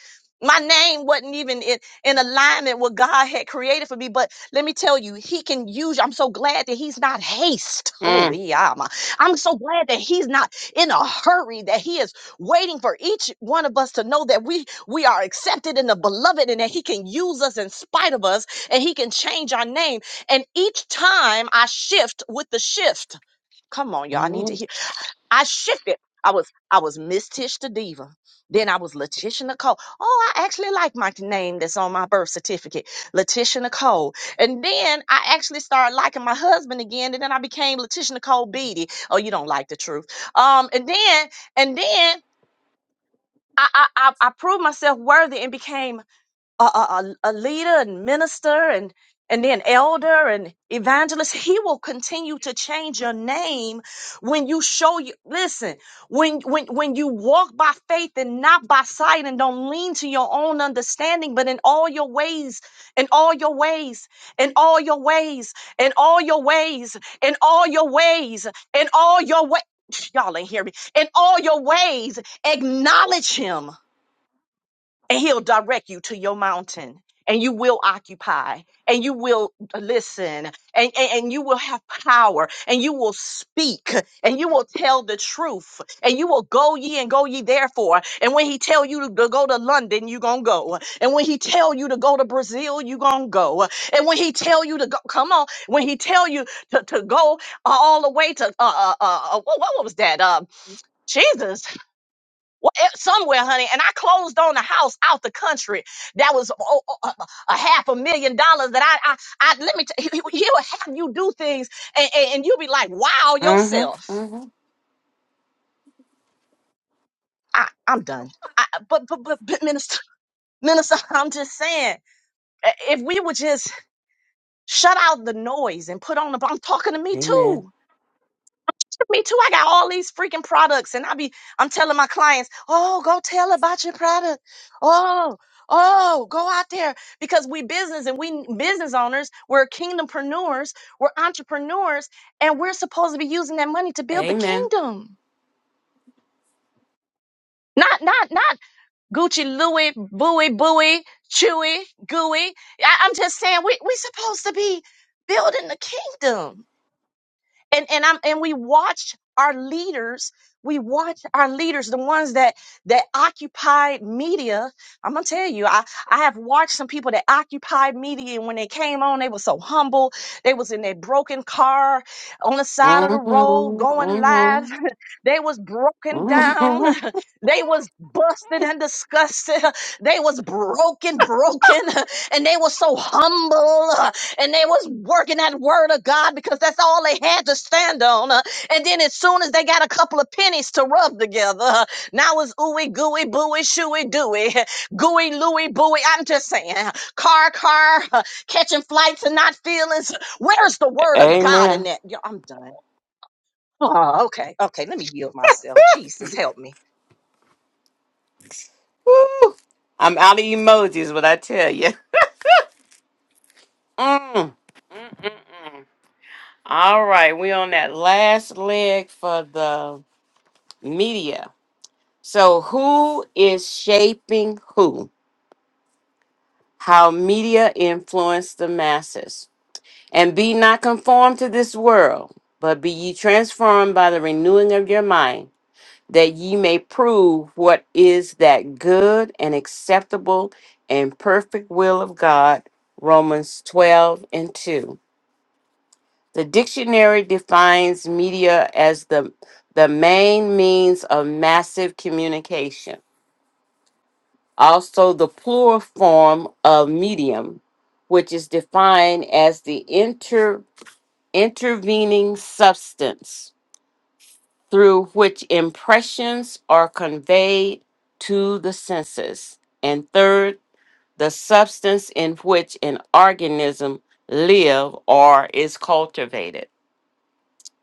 S1: My name wasn't even in, in alignment with God had created for me. But let me tell you, he can use you. I'm so glad that he's not haste. Oh,
S2: Mhm.
S1: yeah. I'm I'm so glad that he's not in a hurry, that he is waiting for each one of us to know that we we are accepted in the beloved and that he can use us in spite of us and he can change our name. And each time I shift with the shift. Come on, y'all. I need to hear.
S2: Mhm.
S1: I shifted. I was I was Miss Tish the Diva. Then I was Letitia Nicole. Oh, I actually like my name that's on my birth certificate, Letitia Nicole. And then I actually started liking my husband again. And then I became Letitia Nicole Beatty. Oh, you don't like the truth. Um, and then and then I I I, I proved myself worthy and became a, a, a a leader and minister and and then elder and evangelist he will continue to change your name when you show you listen when when when you walk by faith and not by sight and don't lean to your own understanding but in all your ways in all your ways in all your ways in all your ways in all your ways in all your ways y'all ain't hear me in all your ways acknowledge him and he'll direct you to your mountain and you will occupy and you will listen and, and, and you will have power and you will speak and you will tell the truth and you will go ye and go ye therefore and when he tell you to, to go to london you gonna go and when he tell you to go to brazil you gonna go and when he tell you to go come on when he tell you to, to go all the way to uh uh, uh uh, what, what was that uh jesus well, eh, somewhere, honey, and I closed on a house out the country that was oh, oh, a a half a million dollars. That I, I, I let me. T- he- he- he'll have you do things, and, and, and you'll be like, "Wow,
S2: Mhm.
S1: yourself."
S2: Mhm.
S1: I, I'm done. I, but, but, but, but, minister, minister, I'm just saying, eh, if we would just shut out the noise and put on the, I'm talking to me too
S2: Amen.
S1: Me too. I got all these freaking products, and I be I'm telling my clients, oh, go tell about your product. Oh, oh, go out there because we business and we business owners, we're kingdompreneurs, we're entrepreneurs, and we're supposed to be using that money to build the
S2: Amen.
S1: kingdom. Not, not, not Gucci, Louis, Bowie, Bowie, Chewy, Gooey. I, I'm just saying we we supposed to be building the kingdom. and and I'm and we watched our leaders we watched our leaders the ones that that occupied media i'm gonna tell you i i have watched some people that occupied media and when they came on they were so humble they was in their broken car on the side of the
S2: Mhm.
S1: road going live
S2: Mhm.
S1: they was broken down
S2: Amen.
S1: they was busted and disgusted they was broken broken and they were so humble and they was working that word of God because that's all they had to stand on. uh, And then as soon as they got a couple of pennies to rub together, uh, now it's ooey gooey booey shooey dooey gooey looey booey. I'm just saying, uh, car car uh, catching flights and not feelings. Where's the word of God in that? Yo, I'm done. Oh, okay, okay. Let me yield myself. Jesus, help me.
S2: Woo! I'm out of emojis, what I tell you. Mm. Mm-mm-mm. All right, we're on that last leg for the media. So, who is shaping who? How media influence the masses. And be not conformed to this world, but be ye transformed by the renewing of your mind that ye may prove what is that good and acceptable and perfect will of God. Romans 12 and 2. The dictionary defines media as the, the main means of massive communication, also the plural form of medium, which is defined as the inter, intervening substance through which impressions are conveyed to the senses. And third, the substance in which an organism live or is cultivated.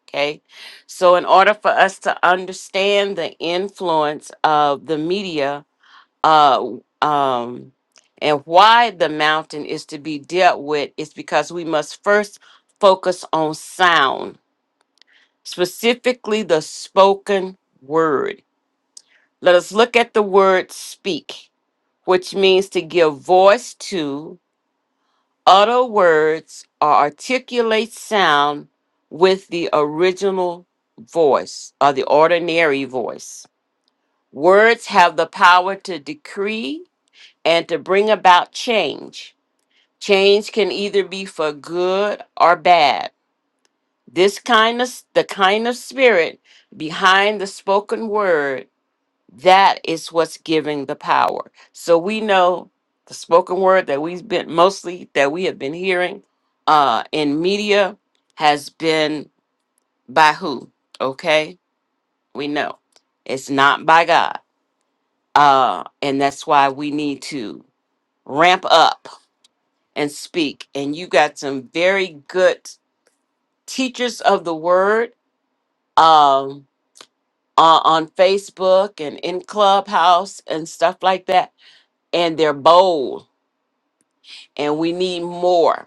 S2: Okay. So in order for us to understand the influence of the media, uh um and why the mountain is to be dealt with is because we must first focus on sound, specifically the spoken word Let us look at the word speak, which means to give voice to, utter words, or articulate sound with the original voice or the ordinary voice. Words have the power to decree and to bring about change. Change can either be for good or bad. This kind of the kind of spirit behind the spoken word that is what's giving the power. So we know the spoken word that we've been mostly that we have been hearing uh in media has been by who? Okay? We know. It's not by God. Uh and that's why we need to ramp up and speak. And you got some very good teachers of the word um on on Facebook and in Clubhouse and stuff like that and they're bold and we need more.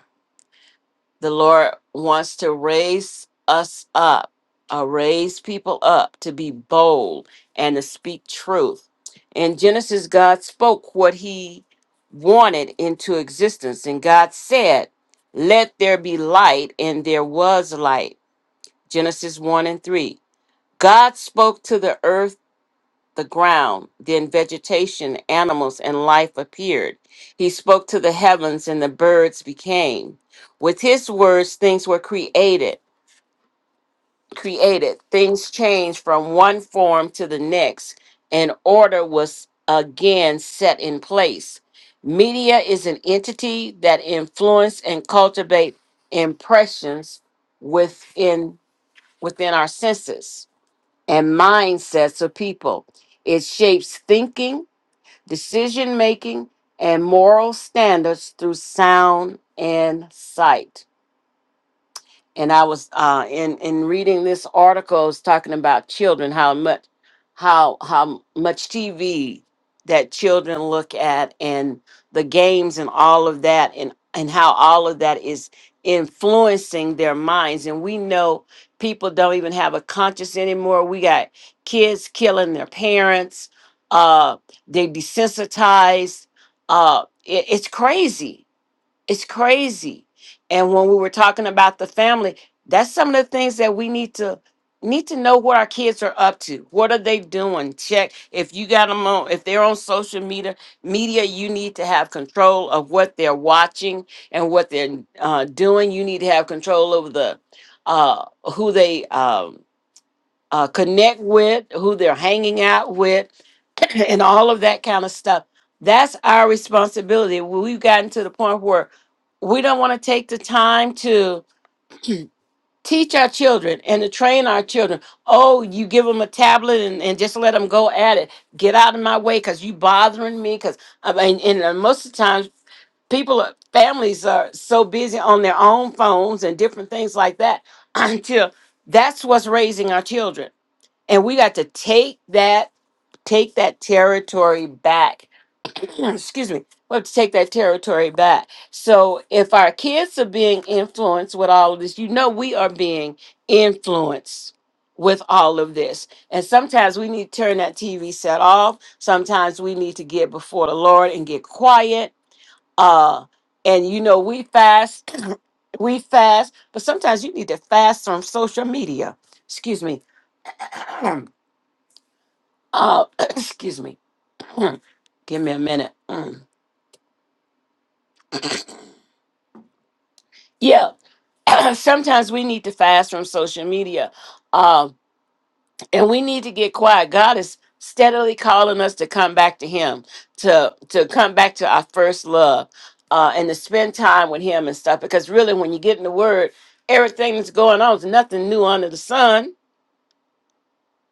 S2: The Lord wants to raise us up, uh, raise people up to be bold and to speak truth. In Genesis, God spoke what He wanted into existence, and God said, Let there be light, and there was light. Genesis 1 and 3. God spoke to the earth the ground. Then vegetation, animals, and life appeared. He spoke to the heavens, and the birds became. With his words, things were created. Created things changed from one form to the next, and order was again set in place. Media is an entity that influence and cultivate impressions within within our senses and mindsets of people. It shapes thinking, decision making, and moral standards through sound insight and I was uh, in in reading this article, it's talking about children, how much how how much TV that children look at, and the games, and all of that, and and how all of that is influencing their minds. And we know people don't even have a conscience anymore. We got kids killing their parents. Uh, they desensitized. Uh, it, it's crazy it's crazy. And when we were talking about the family, that's some of the things that we need to need to know what our kids are up to. What are they doing? Check if you got them on if they're on social media media, you need to have control of what they're watching and what they're uh, doing. You need to have control over the uh who they um uh, connect with, who they're hanging out with, and all of that kind of stuff. That's our responsibility. We've gotten to the point where we don't want to take the time to teach our children and to train our children. Oh, you give them a tablet and, and just let them go at it. Get out of my way because you bothering me. Because I mean, and uh, most of the times people, are, families are so busy on their own phones and different things like that until that's what's raising our children and we got to take that take that territory back excuse me we have to take that territory back so if our kids are being influenced with all of this you know we are being influenced with all of this and sometimes we need to turn that tv set off sometimes we need to get before the lord and get quiet uh and you know we fast we fast but sometimes you need to fast from social media excuse me Uh, excuse me. Mm. Give me a minute. Mm. Yeah. Sometimes we need to fast from social media. Um, and we need to get quiet. God is steadily calling us to come back to him, to to come back to our first love, uh, and to spend time with him and stuff. Because really when you get in the word, everything that's going on is nothing new under the sun,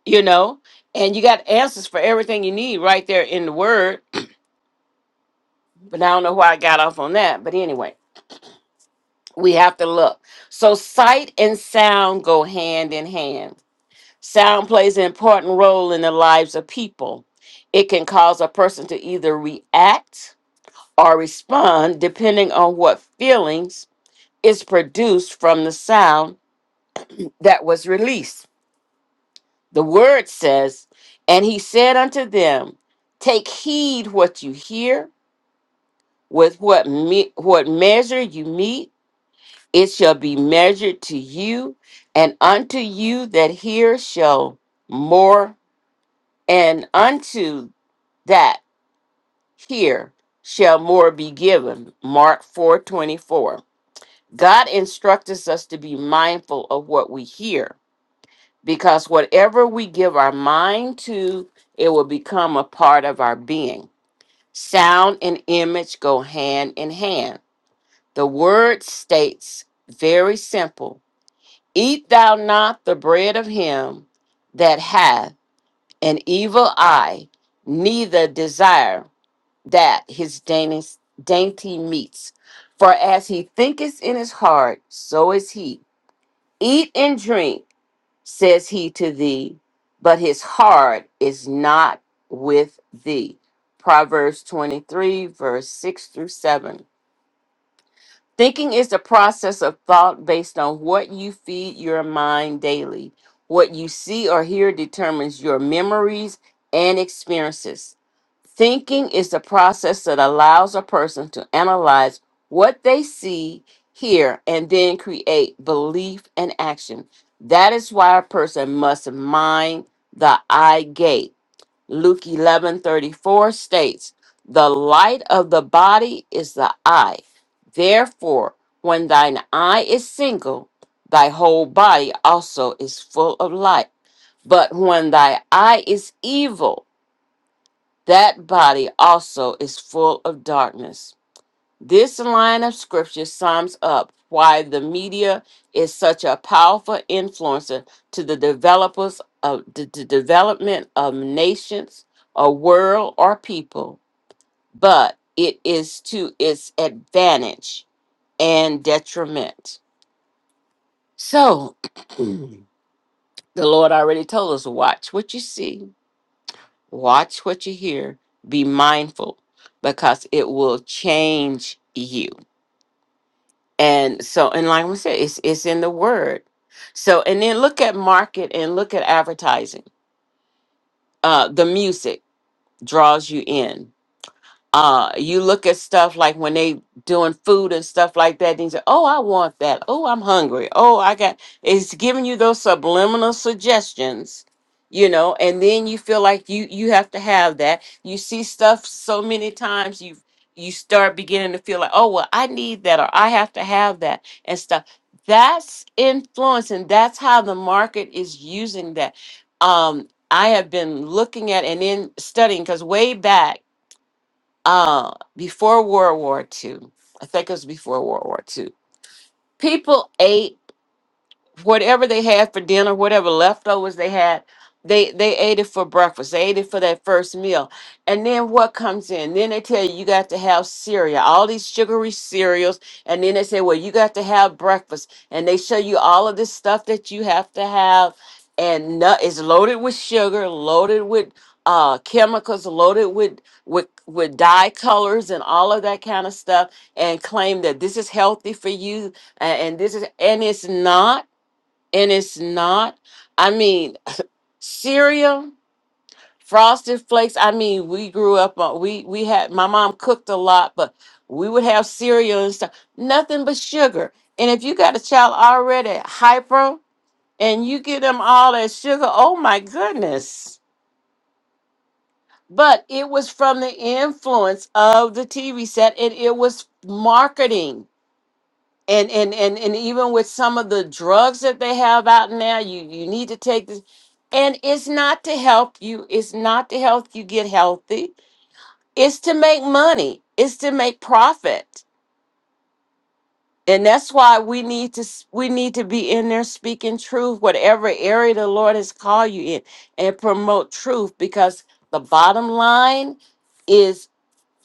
S2: you know. And you got answers for everything you need right there in the word. But I don't know why I got off on that. But anyway. we have to look. So sight and sound go hand in hand. Sound plays an important role in the lives of people. It can cause a person to either react or respond depending on what feelings is produced from the sound that was released. The word says, And he said unto them, Take heed what you hear, with what, me- what measure you meet it shall be measured to you, and unto you that hear shall more, and unto that hear shall more be given. Mark four twenty four. God instructs us to be mindful of what we hear, because whatever we give our mind to, it will become a part of our being. Sound and image go hand in hand. The word states very simple Eat thou not the bread of him that hath an evil eye, neither desire that his daintiest- dainty meats. For as he thinketh in his heart, so is he. Eat and drink, says he to thee, but his heart is not with thee. Proverbs 23, verse 6 through 7. Thinking is the process of thought based on what you feed your mind daily. What you see or hear determines your memories and experiences. Thinking is the process that allows a person to analyze what they see, hear, and then create belief and action. That is why a person must mind the eye gate Luke 11:34 states, "The light of the body is the eye. Therefore, when thine eye is single, thy whole body also is full of light. But when thy eye is evil, that body also is full of darkness." This line of scripture sums up why the media is such a powerful influencer to the developers of the, the development of nations, a world, or people, but it is to its advantage and detriment. So, the Lord already told us watch what you see, watch what you hear, be mindful because it will change you. And so, and like I said, it's it's in the word. So, and then look at market and look at advertising. Uh, the music draws you in uh, you look at stuff like when they doing food and stuff like that, and you say, "Oh, I want that. Oh, I'm hungry. Oh, I got." It's giving you those subliminal suggestions, you know, and then you feel like you you have to have that. You see stuff so many times, you you start beginning to feel like, "Oh, well, I need that, or I have to have that," and stuff. That's influence, and that's how the market is using that. Um, I have been looking at and then studying because way back uh, before World War Two, I think it was before World War Two. People ate whatever they had for dinner, whatever leftovers they had, they they ate it for breakfast. They ate it for that first meal. And then what comes in? Then they tell you you got to have cereal, all these sugary cereals, and then they say, "Well, you got to have breakfast." And they show you all of this stuff that you have to have and nut is loaded with sugar, loaded with uh chemicals loaded with with with dye colors and all of that kind of stuff and claim that this is healthy for you a- and this is and it's not and it's not. I mean, cereal, frosted flakes. I mean, we grew up on we we had my mom cooked a lot, but we would have cereal and stuff. Nothing but sugar. And if you got a child already hyper and you give them all that sugar, oh my goodness. But it was from the influence of the TV set and it was marketing and and and and even with some of the drugs that they have out now you you need to take this and it's not to help you it's not to help you get healthy it's to make money it's to make profit and that's why we need to s- we need to be in there speaking truth whatever area the lord has called you in and promote truth because the bottom line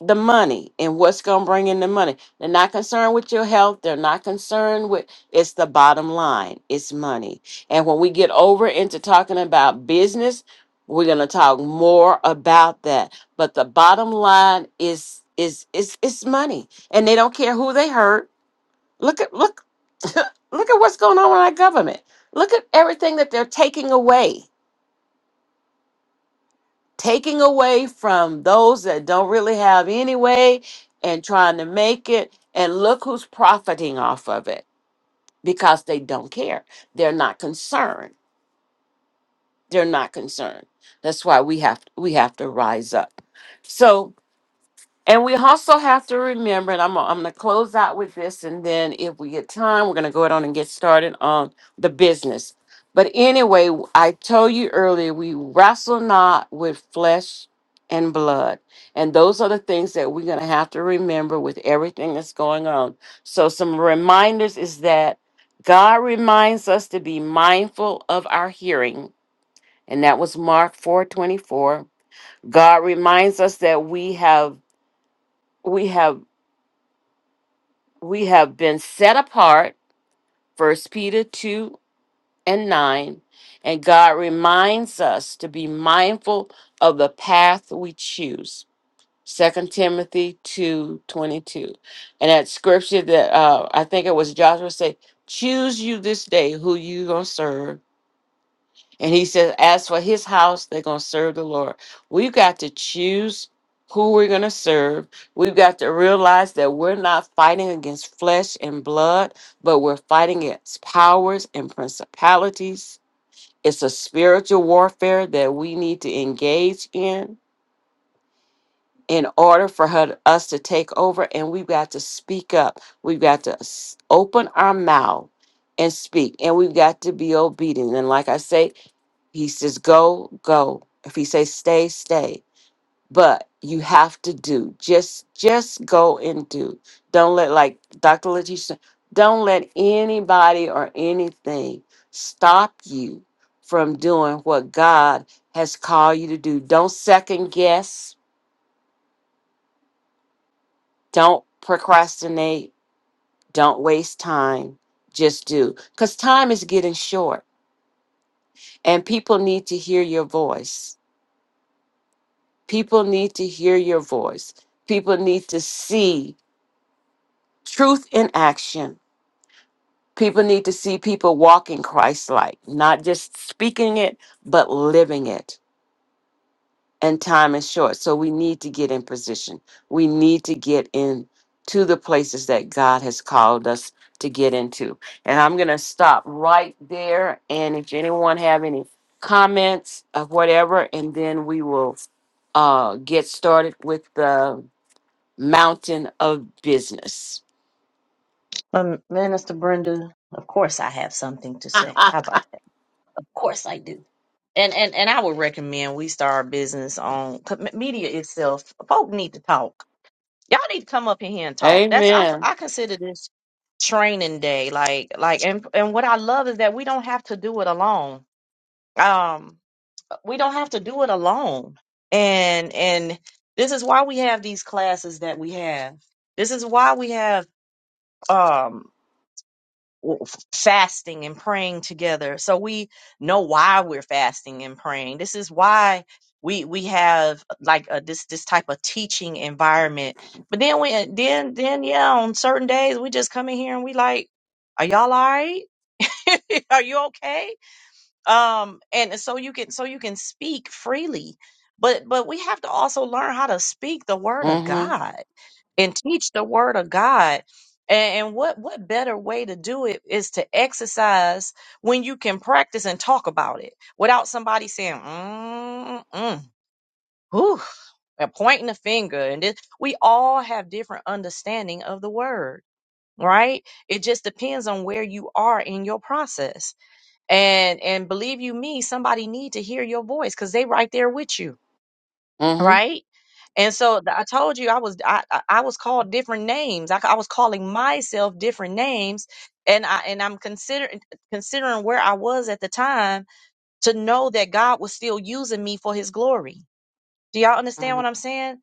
S2: the money and what's going to bring in the money. They're not concerned with your health. They're not concerned with it's the bottom line. It's money. And when we get over into talking about business, we're going to talk more about that. But the bottom line is is is it's money. And they don't care who they hurt. Look at look look at what's going on with our government. Look at everything that they're taking away. taking away from those that don't really have anyway and trying to make it. And look who's profiting off of it because they don't care. They're not concerned. They're not concerned. That's why we have we have to rise up. So and we also have to remember, and I'm, I'm going to close out with this, and then if we get time, we're going to go on and get started on the business. But anyway, I told you earlier, we wrestle not with flesh and blood. And those are the things that we're going to have to remember with everything that's going on. So, some reminders is that God reminds us to be mindful of our hearing. And that was Mark 4 24. God reminds us that we have. We have we have been set apart, First Peter 2 and 9, and God reminds us to be mindful of the path we choose. Second Timothy 2 22, And that scripture that uh, I think it was Joshua say, Choose you this day who you going to serve and he says, as for his house, they're going to serve the Lord. We've got to choose who we're going to serve. We've got to realize that we're not fighting against flesh and blood, but we're fighting against powers and principalities. It's a spiritual warfare that we need to engage in in order for her, us to take over. And we've got to speak up. We've got to s- open our mouth and speak. And we've got to be obedient. And like I say, he says, go, go. If he says stay, stay. But you have to do. Just just go and do. Don't let like Dr. Letitia, said, don't let anybody or anything stop you from doing what God has called you to do. Don't second guess. Don't procrastinate. Don't waste time. Just do. Because time is getting short and people need to hear your voice People need to hear your voice. People need to see truth in action. People need to see people walking Christ like, not just speaking it, but living it. And time is short. So we need to get in position. We need to get in to the places that God has called us to get into. And I'm going to stop right there. And if anyone have any comments or whatever, and then we will uh, get started with the mountain of business.
S1: Um, Minister Brenda, of course I have something to say. How about that? Of course I do. And and and I would recommend we start our business on com- media itself. Folk need to talk. Y'all need to come up in here and talk. That's I f-
S2: Amen.
S1: I consider this training day. Like like and and what I love is that we don't have to do it alone. Um, we don't have to do it alone. And and this is why we have these classes that we have. This is why we have um fasting and praying together so we know why we're fasting and praying this is why we we have like a, this this type of teaching environment but then we then then yeah on certain days we just come in here and we like are y'all all right are you okay um and so you can so you can speak freely but but we have to also learn how to speak the word of
S2: Mm-hmm.
S1: god and teach the word of God. And, and what what better way to do it is to exercise when you can practice and talk about it without somebody saying, mm, mm, whew, and pointing the finger. And this, we all have different understanding of the word, right? It just depends on where you are in your process. And and believe you me, somebody need to hear your voice because they right there with you
S2: Mm-hmm.
S1: right? And so th- I told you I was I, I I was called different names. I, ca- I was calling myself different names, and I and I'm considering considering where I was at the time to know that God was still using me for His glory. Do y'all understand what I'm
S2: Mm-hmm.
S1: saying?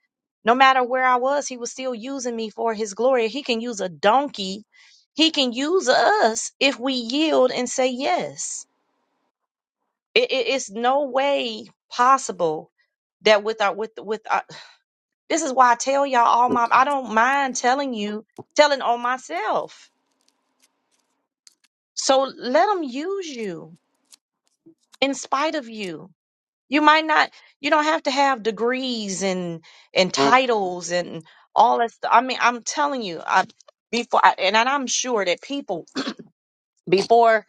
S1: No matter where I was, He was still using me for His glory. He can use a donkey. He can use us if we yield and say yes. It, it, it's no way possible that with our with with our. This is why I tell y'all all my, I don't mind telling you, telling on myself. So let them use you in spite of you. You might not, you don't have to have degrees and, and
S2: Mm-hmm.
S1: titles and all that stuff. I mean, I'm telling you, I, before, I, and I'm sure that people before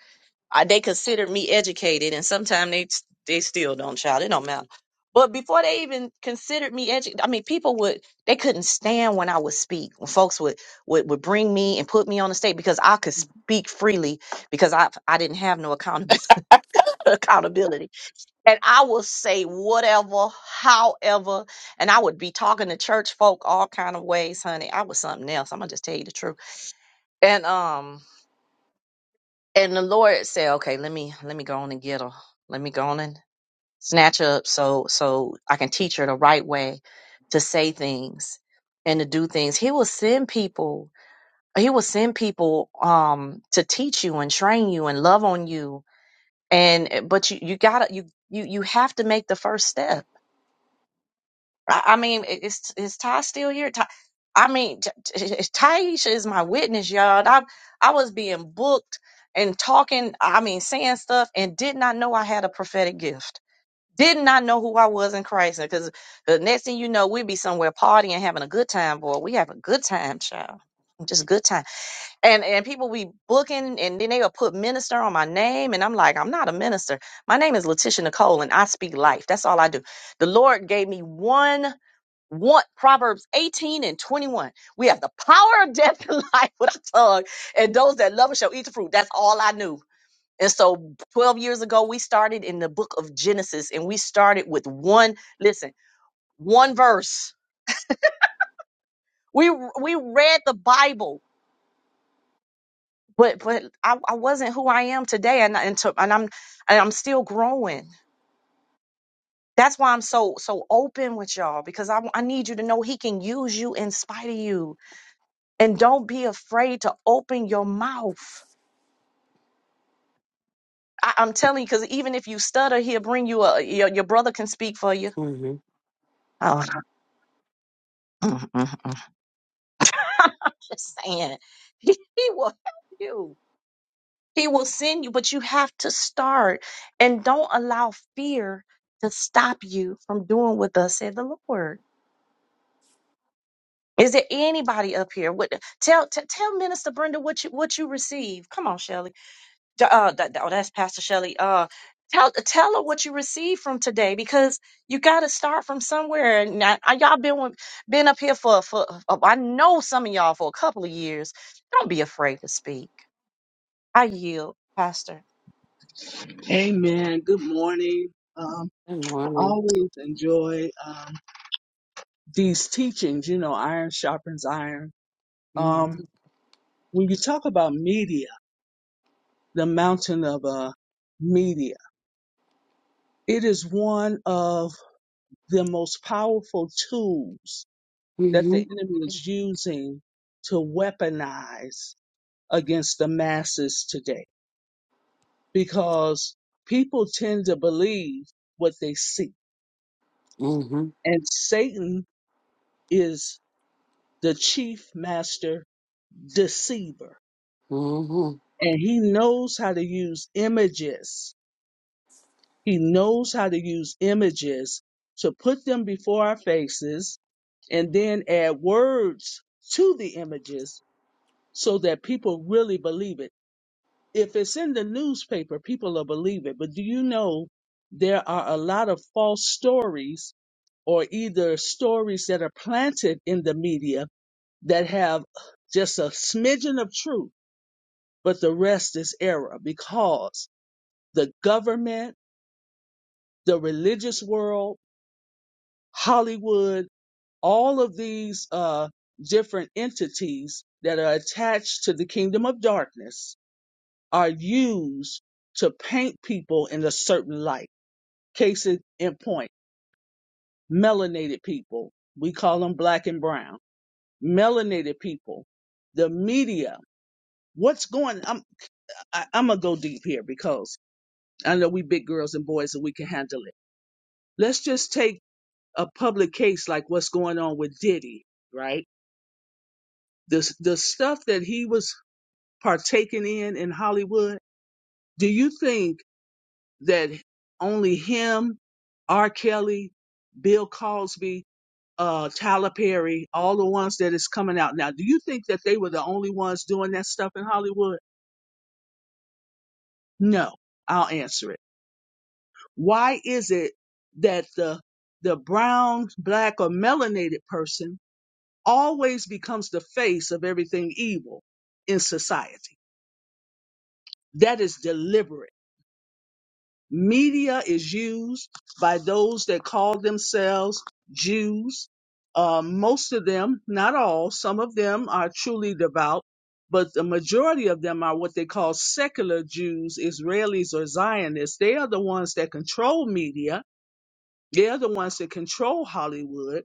S1: I, they considered me educated, and sometimes they they still don't, child. It don't matter. But before they even considered me educated, I mean, people would they couldn't stand when I would speak. When folks would would, would bring me and put me on the stage because I could speak freely because I I didn't have no accountability accountability, and I would say whatever, however, and I would be talking to church folk all kind of ways, honey. I was something else. I'm gonna just tell you the truth, and um and the Lord said, "Okay, let me let me go on and get her. Let me go on and snatch her up, so so I can teach her the right way to say things and to do things. He will send people. He will send people um to teach you and train you and love on you. And eh, but you you gotta you you you have to make the first step I, I mean, i- is is Ty still here? Ty, I mean, T- T- Taisha is my witness, y'all. I I was being booked and talking. I mean, saying stuff and did not know I had a prophetic gift. Did not know who I was in Christ. Because the next thing you know, we'd be somewhere partying, having a good time, boy. We have a good time, child. Just good time. And and people be booking and then they'll put minister on my name. And I'm like, I'm not a minister. My name is Letitia Nicole and I speak life. That's all I do. The Lord gave me one one Proverbs 18 and 21. We have the power of death and life with our tongue, and those that love it shall eat the fruit. That's all I knew. And so 12 years ago, we started in the book of Genesis, and we started with one, listen, one verse. We we read the Bible, but but I, I wasn't who I am today, and I- and, to, and I'm and I'm still growing. That's why I'm so so open with y'all because I, I need you to know He can use you in spite of you and don't be afraid to open your mouth. I, I'm telling you, because even if you stutter, he'll bring you a your, your brother can speak for you.
S2: Mm-hmm.
S1: Oh, I'm just saying, he, he will help you. He will send you, but you have to start and don't allow fear to stop you from doing what thus said the Lord. Is there anybody up here? What tell t- tell Minister Brenda what you what you received? Come on, Shelly. D- Uh, that, oh, that's Pastor Shelley. Uh, tell tell her what you received from today because you got to start from somewhere. And I, I- y'all been with- been up here for for uh, I know some of y'all for a couple of years. Don't be afraid to speak. I yield, Pastor.
S3: Amen. Good morning. Um,
S2: Good morning.
S3: always enjoy um, these teachings, you know, iron sharpens iron. Um,
S2: Mm-hmm.
S3: when you talk about media, the mountain of uh, media, it is one of the most powerful tools that the
S2: Mm-hmm.
S3: enemy is using to weaponize against the masses today because people tend to believe what they see.
S2: Mm-hmm.
S3: And Satan is the chief master deceiver.
S2: Mm-hmm.
S3: And he knows how to use images. He knows how to use images to put them before our faces and then add words to the images so that people really believe it. If it's in the newspaper, people will believe it. But do you know there are a lot of false stories or either stories that are planted in the media that have just a smidgen of truth? but the rest is error because the government, the religious world, Hollywood, all of these uh, different entities that are attached to the kingdom of darkness are used to paint people in a certain light. Case in point, melanated people, we call them black and brown, melanated people, the media. What's going? I'm I, I'm gonna go deep here because I know we big girls and boys and we can handle it Let's just take a public case like what's going on with Diddy, right? The the stuff that he was partaking in in Hollywood. Do you think that only him, R. Kelly, Bill Cosby, uh, Tyler Perry, all the ones that is coming out now, do you think that they were the only ones doing that stuff in Hollywood? No, I'll answer it. Why is it that the the brown, black, or melanated person always becomes the face of everything evil in society. That is deliberate. Media is used by those that call themselves Jews. Uh, most of them, not all, some of them are truly devout, but the majority of them are what they call secular Jews, Israelis, or Zionists. They are the ones that control media They're the ones that control Hollywood.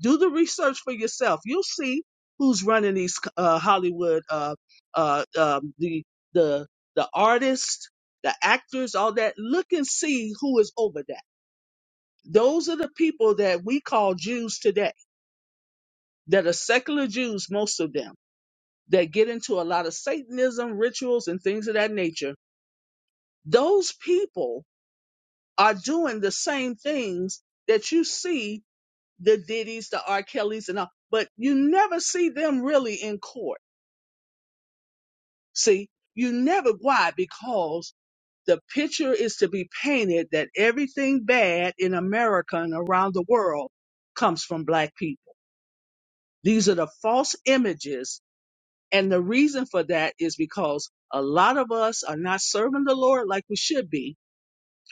S3: Do the research for yourself. You'll see who's running these uh, Hollywood, uh, uh, um, the the the artists, the actors, all that. Look and see who is over that. Those are the people that we call Jews today, that are secular Jews, most of them, that get into a lot of Satanism, rituals, and things of that nature. Those people are doing the same things that you see the Diddy's, the R. Kelly's, and all, but you never see them really in court. See, you never why because the picture is to be painted that everything bad in America and around the world comes from black people. These are the false images, and the reason for that is because a lot of us are not serving the Lord like we should be.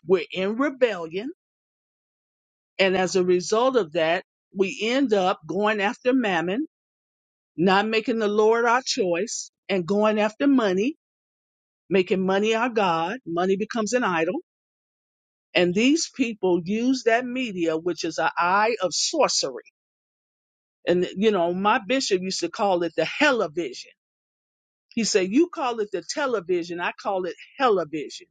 S3: We're in rebellion, and as a result of that, we end up going after mammon not making the Lord our choice and going after money, making money our God. Money becomes an idol. And these people use that media, which is an eye of sorcery. And, you know, my bishop used to call it the television. He said, You call it the television, I call it television.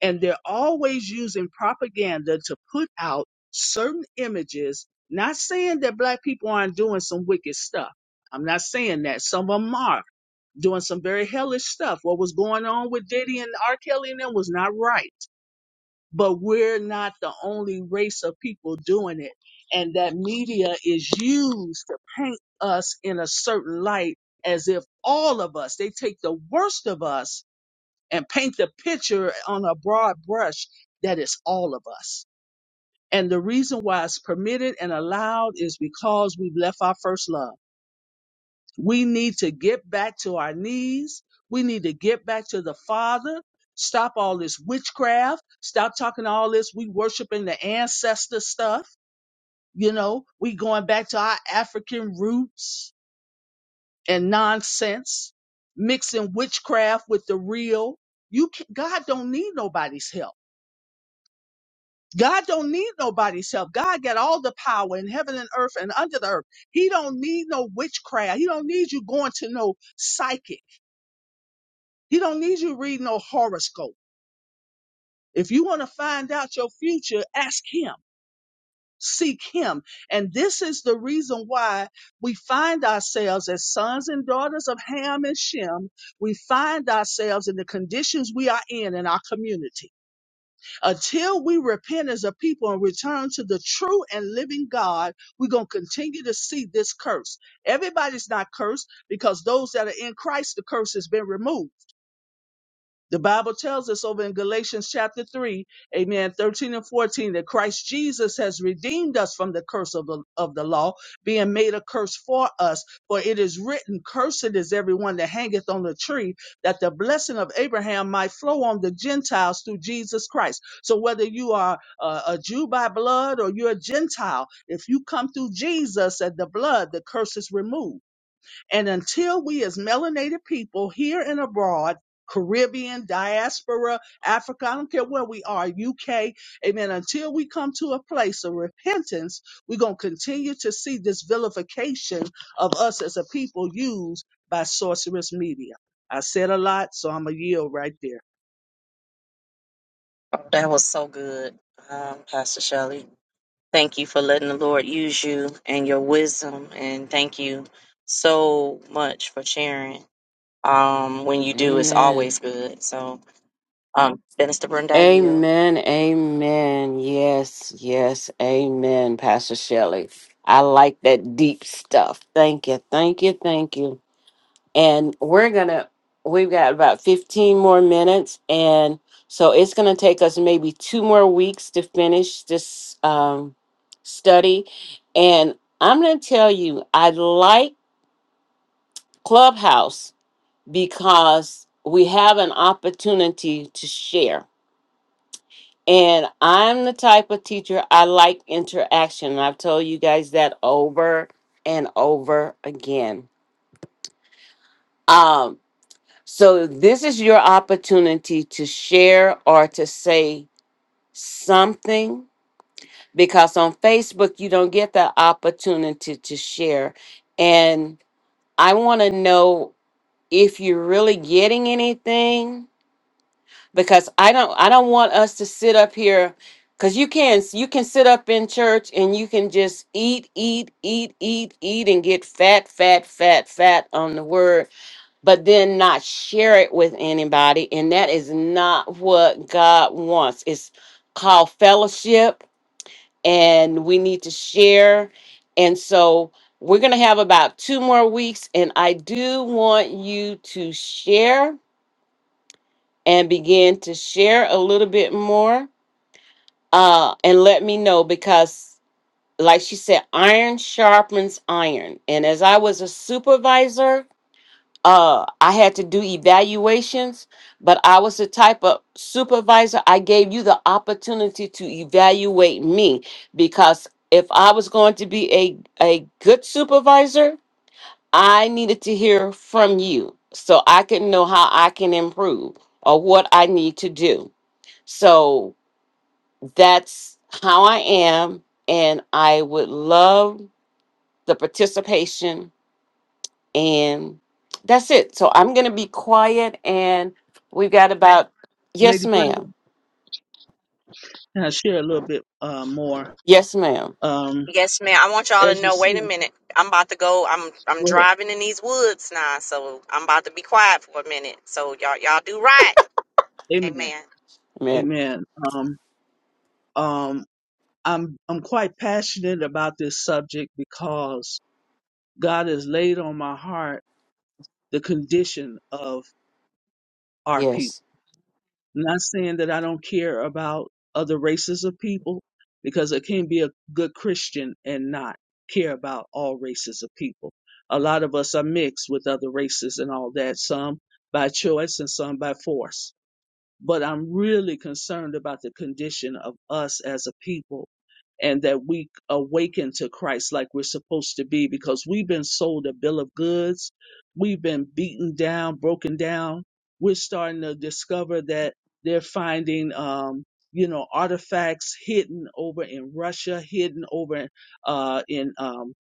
S3: And they're always using propaganda to put out certain images, not saying that black people aren't doing some wicked stuff. I'm not saying that. Some of them are doing some very hellish stuff. What was going on with Diddy and R. Kelly and them was not right. But we're not the only race of people doing it. And that media is used to paint us in a certain light as if all of us, they take the worst of us and paint the picture on a broad brush that it's all of us. And the reason why it's permitted and allowed is because we've left our first love we need to get back to our knees. We need to get back to the Father. Stop all this witchcraft. Stop talking all this. We worshiping the ancestor stuff. You know, we going back to our African roots and nonsense, mixing witchcraft with the real. You can, God don't need nobody's help. God don't need nobody's help. God got all the power in heaven and earth and under the earth. He don't need no witchcraft. He don't need you going to no psychic. He don't need you to read no horoscope. If you want to find out your future, ask him, seek him. And this is the reason why we find ourselves as sons and daughters of Ham and Shem. We find ourselves in the conditions we are in in our community. Until we repent as a people and return to the true and living God, we're going to continue to see this curse. Everybody's not cursed because those that are in Christ, the curse has been removed. The Bible tells us over in Galatians chapter 3, amen, 13 and 14, that Christ Jesus has redeemed us from the curse of the, of the law, being made a curse for us. For it is written, Cursed is everyone that hangeth on the tree, that the blessing of Abraham might flow on the Gentiles through Jesus Christ. So whether you are a, a Jew by blood or you're a Gentile, if you come through Jesus and the blood, the curse is removed. And until we, as melanated people here and abroad, Caribbean, diaspora, Africa, I don't care where we are, UK, amen, until we come to a place of repentance, we're going to continue to see this vilification of us as a people used by sorcerous media. I said a lot, so I'm going to yield right there.
S1: Oh, that was so good, um, Pastor Shelley. Thank you for letting the Lord use you and your wisdom, and thank you so much for sharing. Um, when you do, it's
S2: Amen.
S1: always good. So, um, Minister Brenda, I yield.
S2: Amen. Amen. Yes. Yes. Amen, Pastor Shelley. I like that deep stuff. Thank you. Thank you. Thank you. and we're gonna we've got about 15 more minutes and so it's gonna take us maybe two more weeks to finish this um, study and i'm gonna tell you i like clubhouse because we have an opportunity to share and i'm the type of teacher i like interaction i've told you guys that over and over again Um, So, this is your opportunity to share or to say something because on Facebook, you don't get the opportunity to share. And I want to know if you're really getting anything because I don't I don't want us to sit up here cuz you can you can sit up in church and you can just eat eat eat eat eat and get fat fat fat fat on the word but then not share it with anybody. And that is not what God wants. It's called fellowship, and we need to share. And so we're going to have about two more weeks, and I do want you to share and begin to share a little bit more uh, and let me know because. Like she said, iron sharpens iron. And as I was a supervisor, uh I had to do evaluations, but I was the type of supervisor I gave you the opportunity to evaluate me because if I was going to be a a good supervisor, I needed to hear from you so I can know how I can improve or what I need to do. So that's how I am and I would love the participation and that's it. So I'm going to be quiet, and we've got about yes,
S3: Lady Brenda,
S2: ma'am.
S3: can I share a little bit uh, more?
S2: Yes, ma'am.
S3: Um,
S1: Yes, ma'am. I want y'all to
S3: as you
S1: know.
S3: see,
S1: Wait a minute. I'm about to go. I'm I'm
S3: go ahead.
S1: driving in these woods now, so I'm about to be quiet for a minute. So y'all y'all do right.
S3: Amen.
S1: Amen.
S2: Amen.
S3: Amen. Um, um, I'm I'm quite passionate about this subject because God has laid on my heart the condition of our people.
S2: Yes.
S3: I'm not saying that I don't care about other races of people because I can't be a good Christian and not care about all races of people. A lot of us are mixed with other races and all that, some by choice and some by force. But I'm really concerned about the condition of us as a people and that we awaken to Christ like we're supposed to be because we've been sold a bill of goods. We've been beaten down, broken down. We're starting to discover that they're finding, um, you know, artifacts hidden over in Russia, hidden over uh, in um,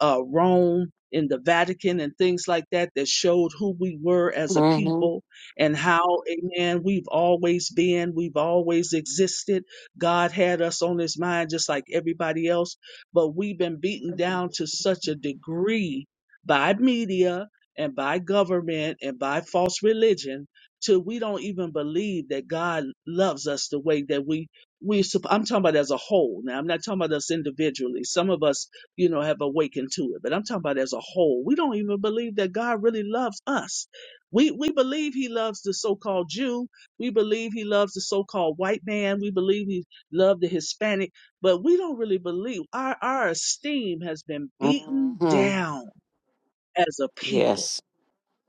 S3: uh, Rome, in the Vatican, and things like that that showed who we were as a
S2: Mm-hmm.
S3: people and how, amen, we've always been, we've always existed God had us on his mind just like everybody else, but we've been beaten down to such a degree by media and by government and by false religion till we don't even believe that God loves us the way that we we sup- I'm talking about as a whole. Now I'm not talking about us individually. Some of us, you know, have awakened to it, but I'm talking about as a whole. We don't even believe that God really loves us. We we believe he loves the so-called Jew, we believe he loves the so-called white man. We believe he love the Hispanic, but we don't really believe our our esteem has been beaten
S2: Mm-hmm.
S3: down as a people
S2: Yes.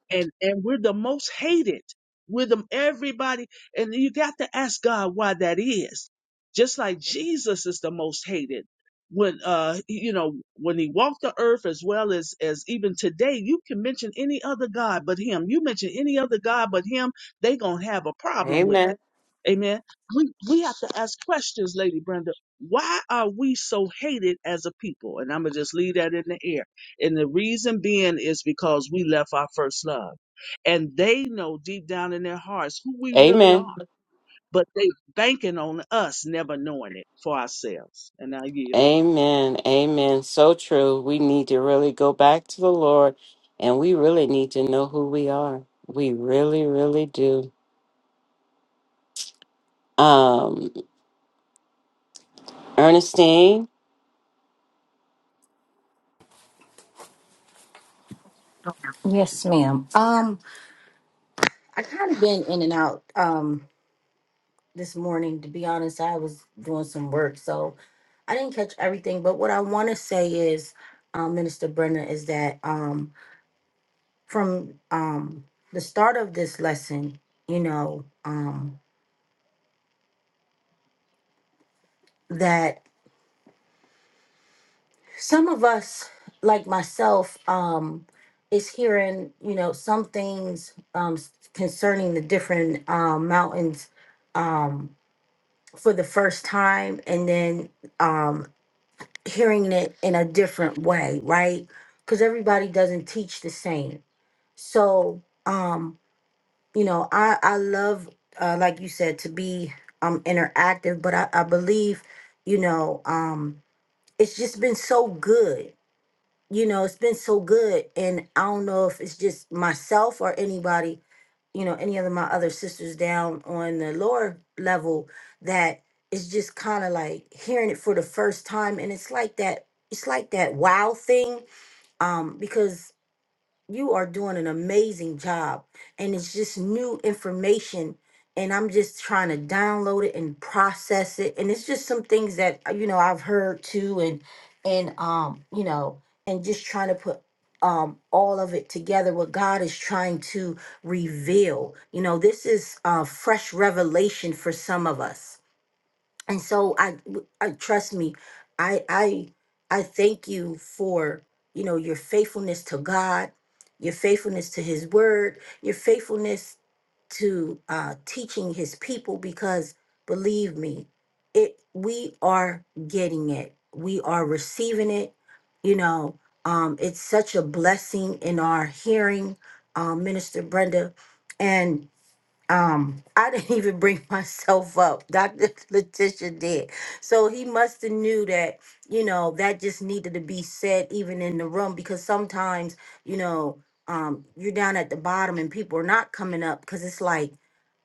S3: and and we're the most hated. We're the everybody, and you got to ask God why that is. Just like Jesus is the most hated when uh you know when he walked the earth as well as as even today you can mention any other god but him you mention any other god but him they gonna have a problem with it
S2: Amen.
S3: amen we we have to ask questions lady brenda why are we so hated as a people and i'm gonna just leave that in the air and the reason being is because we left our first love. And they know deep down in their hearts who we really
S2: Amen.
S3: are, but they banking on us never knowing it for ourselves. And I yield.
S2: Amen. Amen. So true. We need to really go back to the Lord, and we really need to know who we are. We really, really do. Um, Ernestine.
S4: Yes, ma'am. Um, I kind of been in and out um this morning. To be honest, I was doing some work, so I didn't catch everything. But what I want to say is, um, Minister Brenda, is that um from um the start of this lesson, you know, um that some of us, like myself, um, is hearing you know some things um concerning the different um mountains um, for the first time and then um hearing it in a different way right because everybody doesn't teach the same so um you know i i love uh like you said to be um interactive but i, I believe you know um it's just been so good you know, it's been so good. And I don't know if it's just myself or anybody, you know, any of my other sisters down on the lower level that it's just kind of like hearing it for the first time. And it's like that, it's like that wow thing. Um, because you are doing an amazing job and it's just new information and i'm just trying to download it and process it and it's just some things that uh, you know i've heard too and and um you know and just trying to put um all of it together what god is trying to reveal you know this is uh fresh revelation for some of us and so I, I trust me i i i thank you for you know your faithfulness to god your faithfulness to his word your faithfulness to uh teaching his people because believe me it we are getting it we are receiving it you know um it's such a blessing in our hearing um minister brenda and um, I didn't even bring myself up. Dr. Letitia did. So he must have knew that, you know, that just needed to be said even in the room because sometimes, you know, um, you're down at the bottom and people are not coming up because it's like,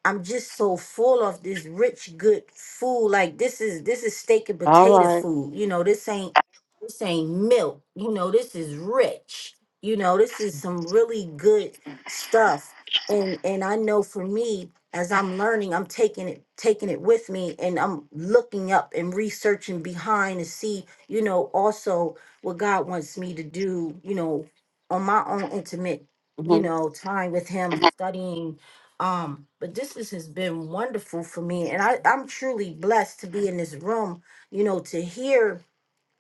S4: I'm just so full of this rich, good food. Like this is this is steak and
S2: All
S4: potato
S2: right.
S4: food. You know, this ain't this ain't milk. You know, this is rich. You know, this is some really good stuff and and I know for me as I'm learning I'm taking it taking it with me and I'm looking up and researching behind to see you know also what God wants me to do you know on my own intimate you
S2: Mm-hmm.
S4: know time with him studying um but this is, has been wonderful for me and I I'm truly blessed to be in this room you know to hear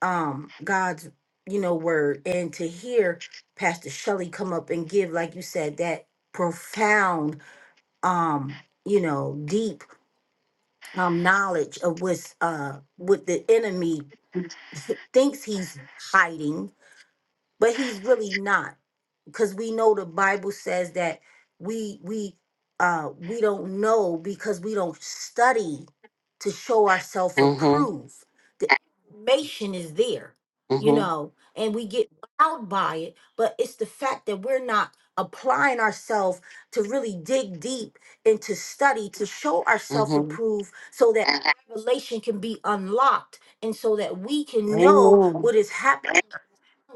S4: um God's you know word and to hear Pastor Shelley come up and give like you said that profound um you know deep um knowledge of what's uh what the enemy thinks he's hiding but he's really not because we know the Bible says that we we uh we don't know because we don't study to show ourselves
S2: Mm-hmm.
S4: approved. The information is there, you
S2: Mm-hmm.
S4: know, and we get wowed by it, but it's the fact that we're not applying ourselves to really dig deep and to study to show ourselves
S2: Mm-hmm.
S4: approved so that revelation can be unlocked and so that we can know
S2: Amen.
S4: what is happening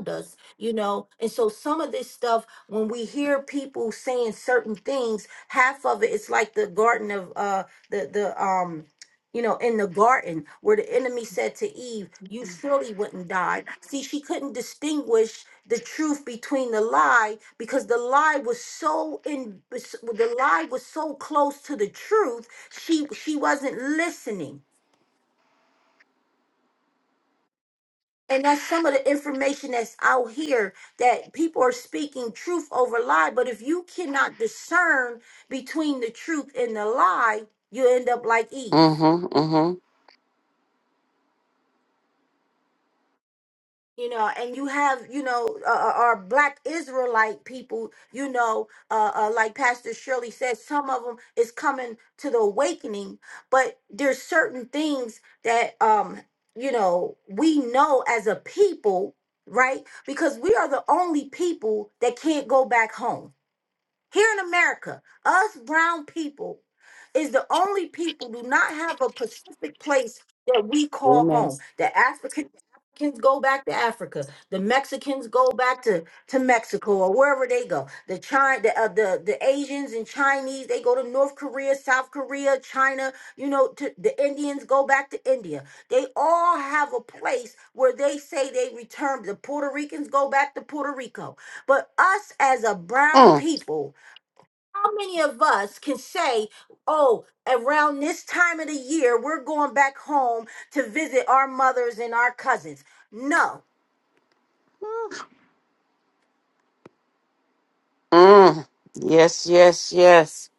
S4: us, you know. And so some of this stuff, when we hear people saying certain things, half of it it's like the garden of uh the the um you know, in the garden where the enemy said to Eve, You surely wouldn't die. See, she couldn't distinguish the truth between the lie because the lie was so in the lie was so close to the truth, she she wasn't listening And that's some of the information that's out here that people are speaking truth over lie. But if you cannot discern between the truth and the lie, you end up like Eve.
S2: Mm-hmm.
S4: you know and you have you know uh, uh, our black israelite people you know uh, uh like pastor shirley said some of them is coming to the awakening but there's certain things that um you know we know as a people right because we are the only people that can't go back home here in America, us brown people is the only people do not have a specific place that we call
S2: Amen.
S4: home. The African Africans go back to Africa. The Mexicans go back to, to Mexico or wherever they go. The China, the, uh, the the Asians and Chinese they go to North Korea, South Korea, China. You know, to, the Indians go back to India. They all have a place where they say they return. The Puerto Ricans go back to Puerto Rico. But us as a brown
S2: Mm,
S4: people how many of us can say, oh, around this time of the year, we're going back home to visit our mothers and our cousins? No,
S2: mm. Yes, yes, yes.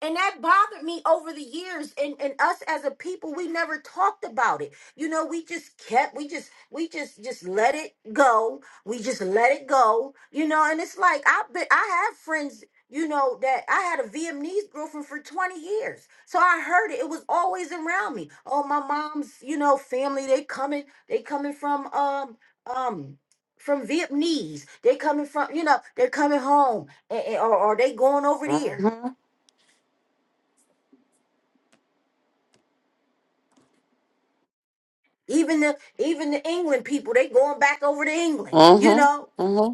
S4: and that bothered me over the years and, and us as a people we never talked about it you know we just kept we just we just just let it go we just let it go you know and it's like i've been i have friends you know that i had a vietnamese girlfriend for 20 years so i heard it it was always around me oh my mom's you know family they coming they coming from um um from vietnamese they coming from you know they're coming home and, and- or, or they going over there
S2: Mm-hmm.
S4: Even the even the England people, they going back over to England, you
S2: Mm-hmm.
S4: know.
S2: Mm-hmm.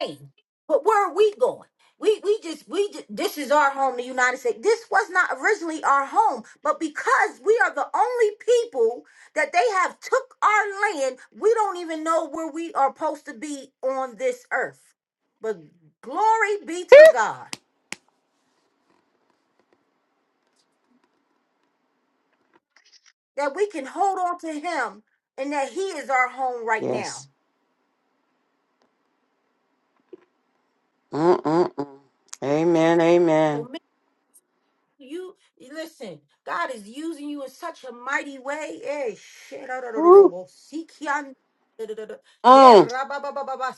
S4: Hey, but where are we going? We we just we just, this is our home, the United States. This was not originally our home, but because we are the only people that they have took our land, we don't even know where we are supposed to be on this earth. But glory be to God that we can hold on to Him and that He is our home right
S2: Yes.
S4: now.
S2: Mm-mm-mm. Amen. Amen.
S4: You listen, God is using you in such a mighty way. Eh, shit. ah,
S2: Ooh. Mm.
S4: Hey,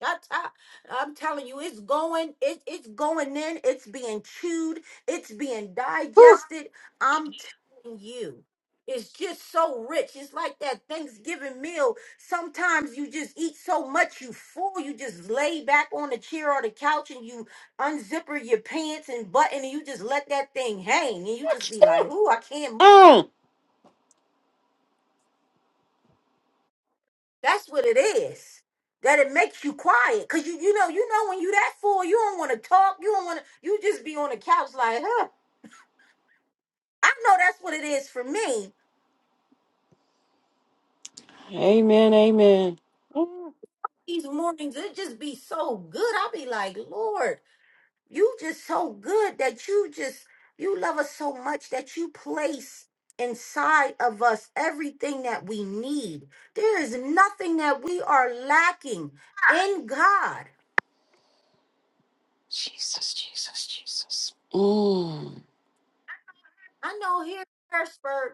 S4: that's how- I'm telling you, it's going, it, it's going in, it's being chewed, it's being
S2: Ooh.
S4: digested. I'm telling you, it's just so rich. It's like that Thanksgiving meal. Sometimes you just eat so much you full, you just lay back on the chair or the couch and you unzipper your pants and button and you just let that thing hang and you just be like, ooh, I can't
S2: Mm.
S4: That's what it is. That it makes you quiet. Cause you you know, you know when you that full, you don't wanna talk. You don't wanna you just be on the couch like, huh. I know that's what it is for me.
S2: Amen. Amen.
S4: These mornings, it just be so good. I'll be like, Lord, you just so good that you just you love us so much that you place inside of us everything that we need. There is nothing that we are lacking in God.
S2: Jesus, Jesus, Jesus. Mm.
S4: I know here in Harrisburg,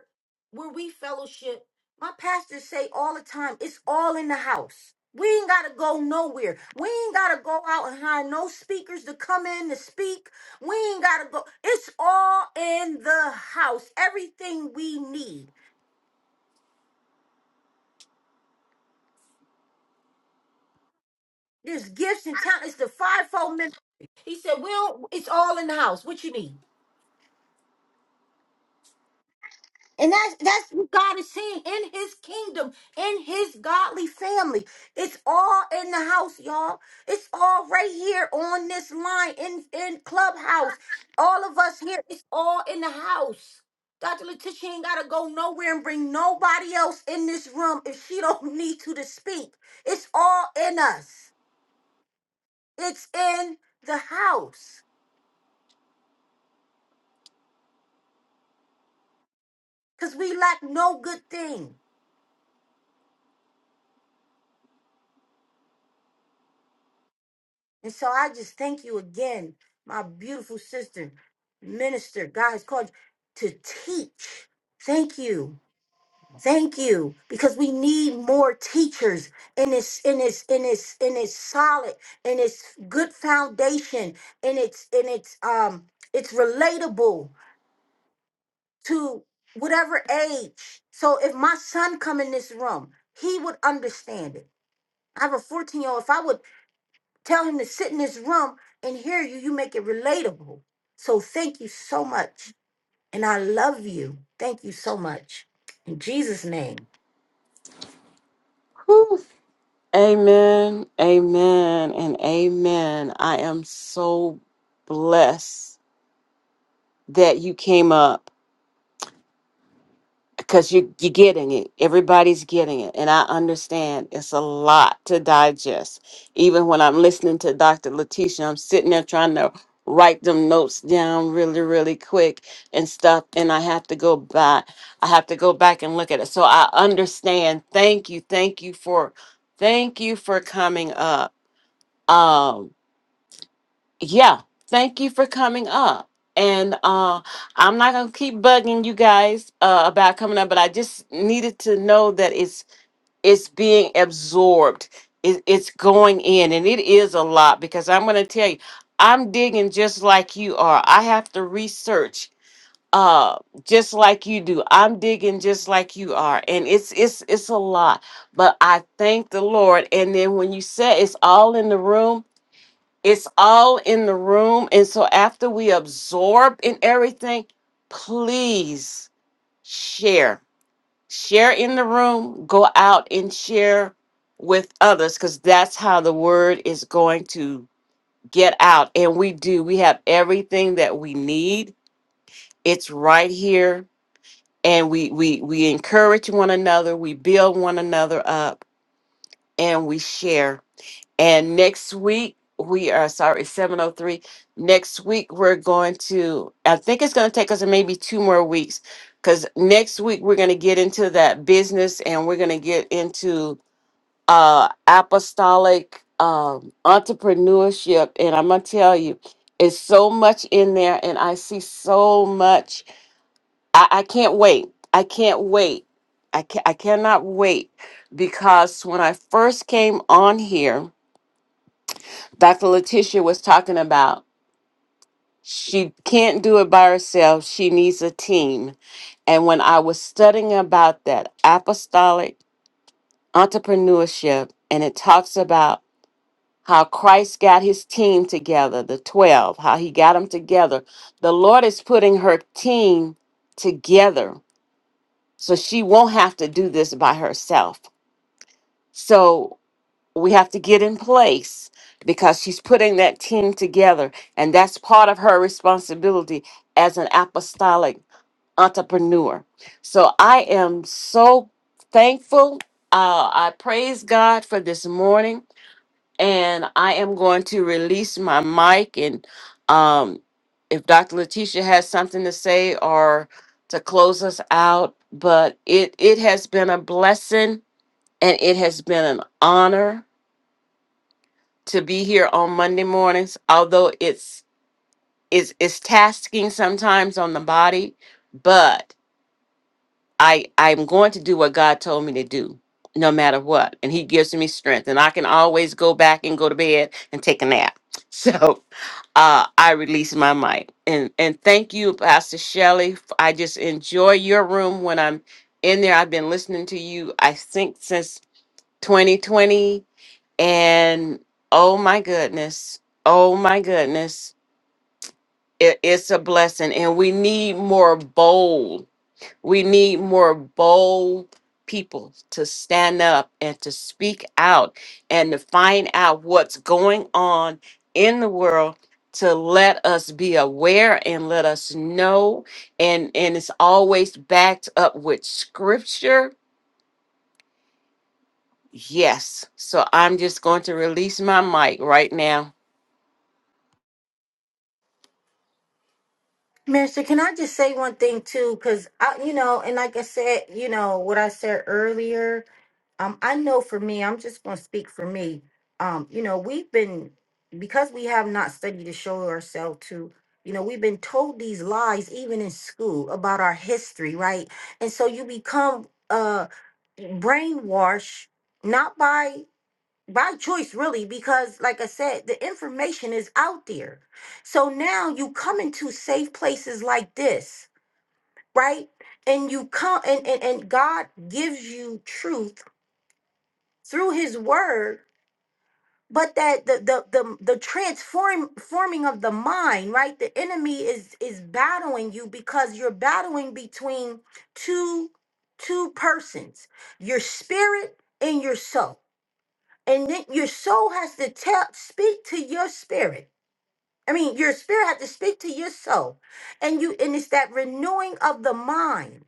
S4: where we fellowship, my pastors say all the time, it's all in the house. We ain't gotta go nowhere. We ain't gotta go out and hire no speakers to come in to speak. We ain't gotta go. It's all in the house. Everything we need. There's gifts and talents. It's the fivefold ministry. He said, "Well, it's all in the house. What you need?" And that's that's what God is saying in his kingdom, in his godly family. It's all in the house, y'all. It's all right here on this line in in clubhouse. All of us here, it's all in the house. Dr. Letitia ain't gotta go nowhere and bring nobody else in this room if she don't need to to speak. It's all in us. It's in the house. Cause we lack no good thing. And so I just thank you again, my beautiful sister, minister. God has called you to teach. Thank you. Thank you. Because we need more teachers in it's in it's in it's in it's solid in it's good foundation and it's in it's um it's relatable to whatever age. So if my son come in this room, he would understand it. I have a 14 year old. If I would Tell him to sit in this room and hear you. You make it relatable. So thank you so much. And I love you. Thank you so much. In Jesus' name.
S2: Ooh. Amen. Amen. And amen. I am so blessed that you came up because you you're getting it. Everybody's getting it, and I understand it's a lot to digest. Even when I'm listening to Dr. Letitia, I'm sitting there trying to write them notes down really, really quick and stuff. And I have to go back. I have to go back and look at it. So I understand. Thank you. Thank you for. Thank you for coming up. Um, yeah thank you for coming up and uh i'm not gonna keep bugging you guys uh about coming up but i just needed to know that it's it's being absorbed it, it's going in and it is a lot because i'm gonna tell you i'm digging just like you are i have to research uh just like you do i'm digging just like you are and it's it's it's a lot but i thank the lord and then when you said it's all in the room it's all in the room. And so after we absorb in everything, please share. Share in the room, go out and share with others because that's how the word is going to get out. And we do. We have everything that we need. It's right here. And we we we encourage one another, we build one another up, and we share And next week, we are sorry, 703. Next week, we're going to, I think it's going to take us maybe two more weeks because next week, we're going to get into that business and we're going to get into uh, apostolic um, entrepreneurship. And I'm going to tell you, it's so much in there, and I see so much. I, I can't wait. I can't wait. I, can. I cannot wait because when I first came on here, Dr. Letitia was talking about. She can't do it by herself. She needs a team. And when I was studying about that apostolic entrepreneurship, and it talks about how Christ got his team together, the 12, how he got them together, the Lord is putting her team together. So she won't have to do this by herself. So we have to get in place because she's putting that team together and that's part of her responsibility as an apostolic entrepreneur so i am so thankful uh, i praise god for this morning and i am going to release my mic and um, if dr letitia has something to say or to close us out but it it has been a blessing and it has been an honor to be here on Monday mornings, although it's it's it's tasking sometimes on the body, but I I'm going to do what God told me to do, no matter what. And he gives me strength. And I can always go back and go to bed and take a nap. So uh I release my mic. And and thank you, Pastor Shelley. F- I just enjoy your room when I'm in there. I've been listening to you, I think since 2020 and oh my goodness, oh my goodness, it, it's a blessing. And we need more bold, we need more bold people to stand up and to speak out and to find out what's going on in the world to let us be aware and let us know and and it's always backed up with scripture yes so i'm just going to release my mic right now
S4: Minister, can I just say one thing too? Because I, you know, and like I said, you know what I said earlier. Um, I know for me, I'm just going to speak for me. Um, you know, we've been because we have not studied to show ourselves to. You know, we've been told these lies even in school about our history, right? And so you become uh brainwashed not by by choice really because like i said the information is out there so now you come into safe places like this right and you come and and, and god gives you truth through his word but that the the the, the transform forming of the mind right the enemy is is battling you because you're battling between two two persons your spirit and your soul and then your soul has to tell speak to your spirit i mean your spirit has to speak to your soul and you and it's that renewing of the mind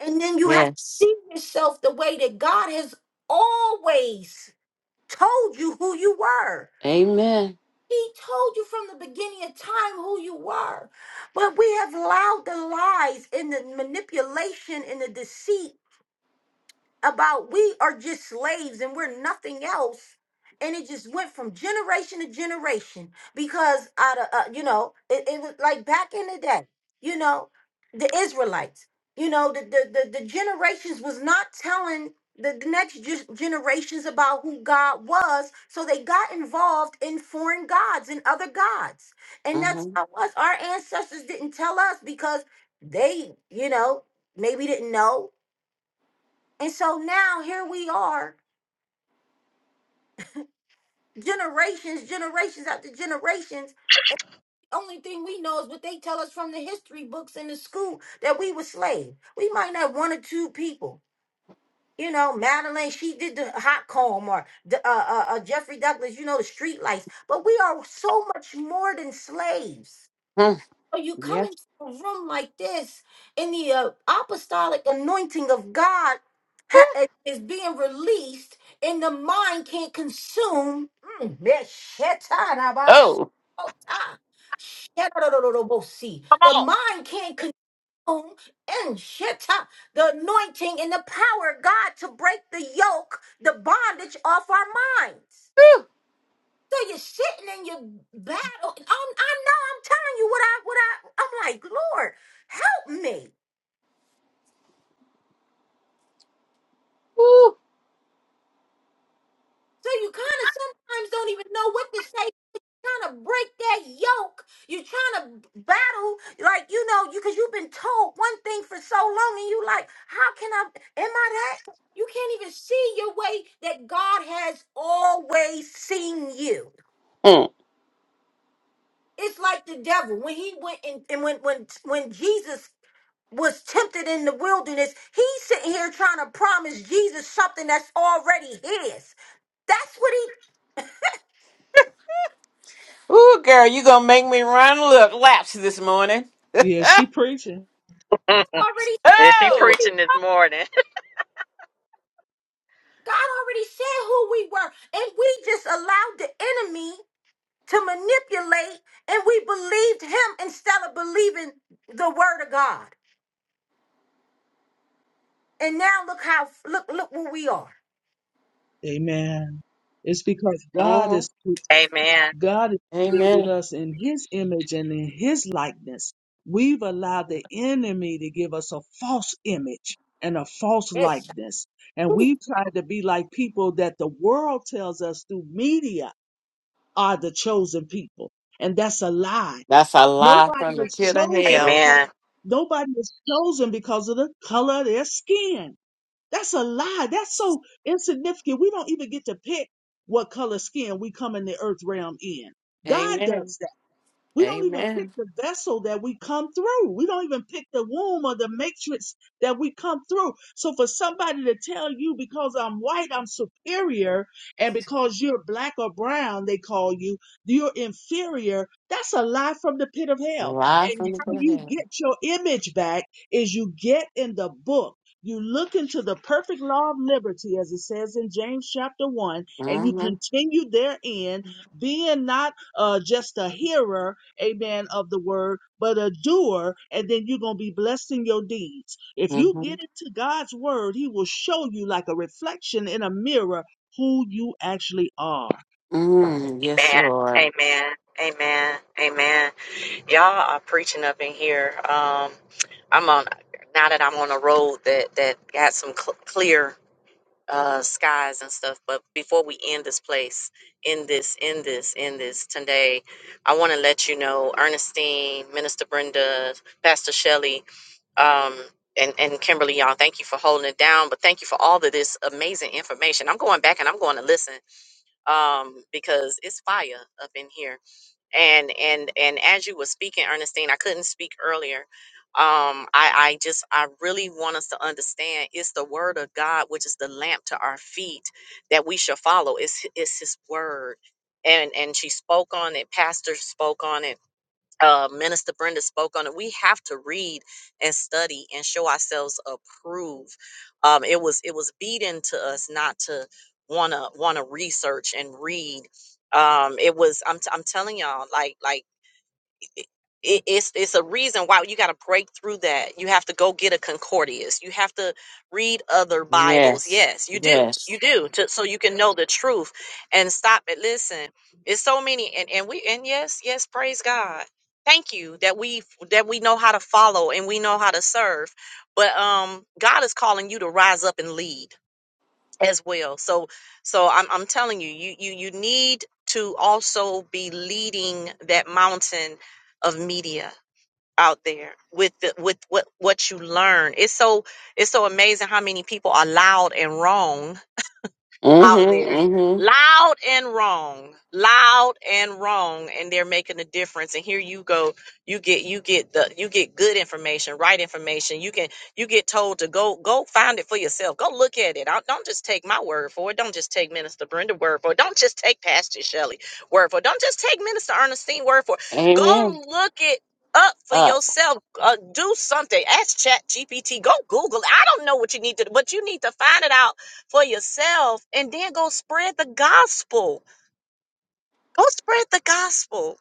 S4: and then you have to
S2: yes
S4: see yourself the way that god has always told you who you were
S2: Amen.
S4: he told you from the beginning of time who you were but we have allowed the lies and the manipulation and the deceit about we are just slaves and we're nothing else and it just went from generation to generation because out of uh, you know it, it was like back in the day you know the israelites you know the the, the, the generations was not telling the, the next ge- generations about who god was so they got involved in foreign gods and other gods and
S2: Uh-huh.
S4: that's how it was our ancestors didn't tell us because they you know maybe didn't know and so now here we are, generations, generations after generations. Only thing we know is what they tell us from the history books in the school that we were slaves. We might have one or two people. You know, Madeline, she did the hot comb, or the, uh, uh, uh, Jeffrey Douglas, you know, the street lights. But we are so much more than slaves.
S2: Mm.
S4: So you come
S2: Yes.
S4: into a room like this, and the uh, apostolic anointing of God ha- eh, is being released, and the mind can't consume. Mm, yeah, shetarabas-
S2: Oh.
S4: oh, ah, shetarabasi.
S1: Come
S4: The
S1: on.
S4: mind can't consume and sheta, the anointing and the power of God to break the yoke, the bondage off our minds.
S2: Ooh,
S4: So you're sitting and you battle. and i I know I'm telling you what I what I I'm like, Lord, help me.
S2: ooh,
S4: So you kind of sometimes don't even know what to say. Trying to break that yoke. You're trying to battle, like you know, you because you've been told one thing for so long, and you like, how can I? Am I that? You can't even see your way that God has always seen you.
S2: Mm.
S4: It's like the devil when he went and, and when when when Jesus was tempted in the wilderness, he's sitting here trying to promise Jesus something that's already his. That's what he
S2: Ooh, girl, you gonna make me run look laps this morning.
S3: Yeah, she preaching.
S1: Mm.
S4: already
S1: Is he
S4: who
S2: Oh.
S4: we
S1: preaching this morning?
S4: God already said who we were, and we just allowed the enemy to manipulate, and we believed him instead of believing the word of God. And now look how look look where we are.
S3: Amen. It's because God
S2: Mm.
S3: is
S1: Amen.
S3: God has created
S2: Amen.
S3: us in his image and in his likeness. We've allowed the enemy to give us a false image and a false
S4: Yes,
S3: likeness. And we've tried to be like people that the world tells us through media are the chosen people. And that's a lie.
S2: That's a lie
S3: Nobody
S2: from the
S3: is
S2: pit of
S3: chosen
S2: hell.
S3: because
S1: Amen.
S3: nobody is chosen because of the color of their skin. That's a lie. That's so insignificant. We don't even get to pick what color skin we come in the earth realm in. God
S2: Amen.
S3: does that. We don't even pick
S2: Amen.
S3: the vessel that we come through. We don't even pick the womb or the matrix that we come through. So for somebody to tell you because I'm white, I'm superior, and because you're black or brown, they call you, you're inferior, that's a lie from the pit of hell.
S2: Lie
S3: And
S2: from the
S3: how
S2: pit of
S3: you
S2: hell.
S3: get your image back is you get in the book. You look into the perfect law of liberty, as it says in James chapter 1, and you
S2: Mm-hmm.
S3: continue therein, being not uh, just a hearer, amen, of the word, but a doer, and then you're going to be blessed in your deeds. If you
S2: Mm-hmm.
S3: get into God's word, He will show you like a reflection in a mirror who you actually are.
S2: Mm. Yes,
S1: Amen.
S2: Lord.
S1: Amen. Amen. Amen. Y'all are preaching up in here. Um, I'm on now that I'm on a road that that got some cl- clear. uh skies and stuff but before we end this place end this end this end this today i want to let you know ernestine minister brenda pastor shelley um and, and kimberly y'all thank you for holding it down but thank you for all of this amazing information i'm going back and i'm going to listen um because it's fire up in here and and and as you were speaking ernestine i couldn't speak earlier um i i just i really want us to understand it's the word of god which is the lamp to our feet that we shall follow it's, h- it's his word and and she spoke on it pastor spoke on it uh, Minister Brenda spoke on it. We have to read and study and show ourselves approved. Um, it was it was beaten to us not to wanna wanna research and read. Um, it was I'm t- I'm telling y'all like like it, it- it's it's a reason why you got to break through that. You have to go get a concordias. You have to read other Bibles.
S2: Yes.
S1: Yes, you do.
S2: Yes.
S1: You do to, so you can know the truth and stop it. Listen, it's so many, and and we and yes, yes, praise God. Thank you that we that we know how to follow and we know how to serve. But um, God is calling you to rise up and lead as well. So so I'm I'm telling you, you you you need to also be leading that mountain of media out there with the, with what what you learn. It's so it's so amazing how many people are loud and wrong out
S2: Mm-hmm.
S1: there
S2: Mm-hmm.
S1: loud and wrong loud and wrong and they're making a difference and here you go you get you get the you get good information right information you can you get told to go go find it for yourself go look at it don't, don't just take my word for it don't just take minister brenda word for it don't just take pastor shelley word for it don't just take minister ernestine word for it
S2: Amen.
S1: go look it up for
S2: Up.
S1: yourself uh, do something ask chat gpt go google i don't know what you need to but you need to find it out for yourself and then go spread the gospel. Go spread the gospel.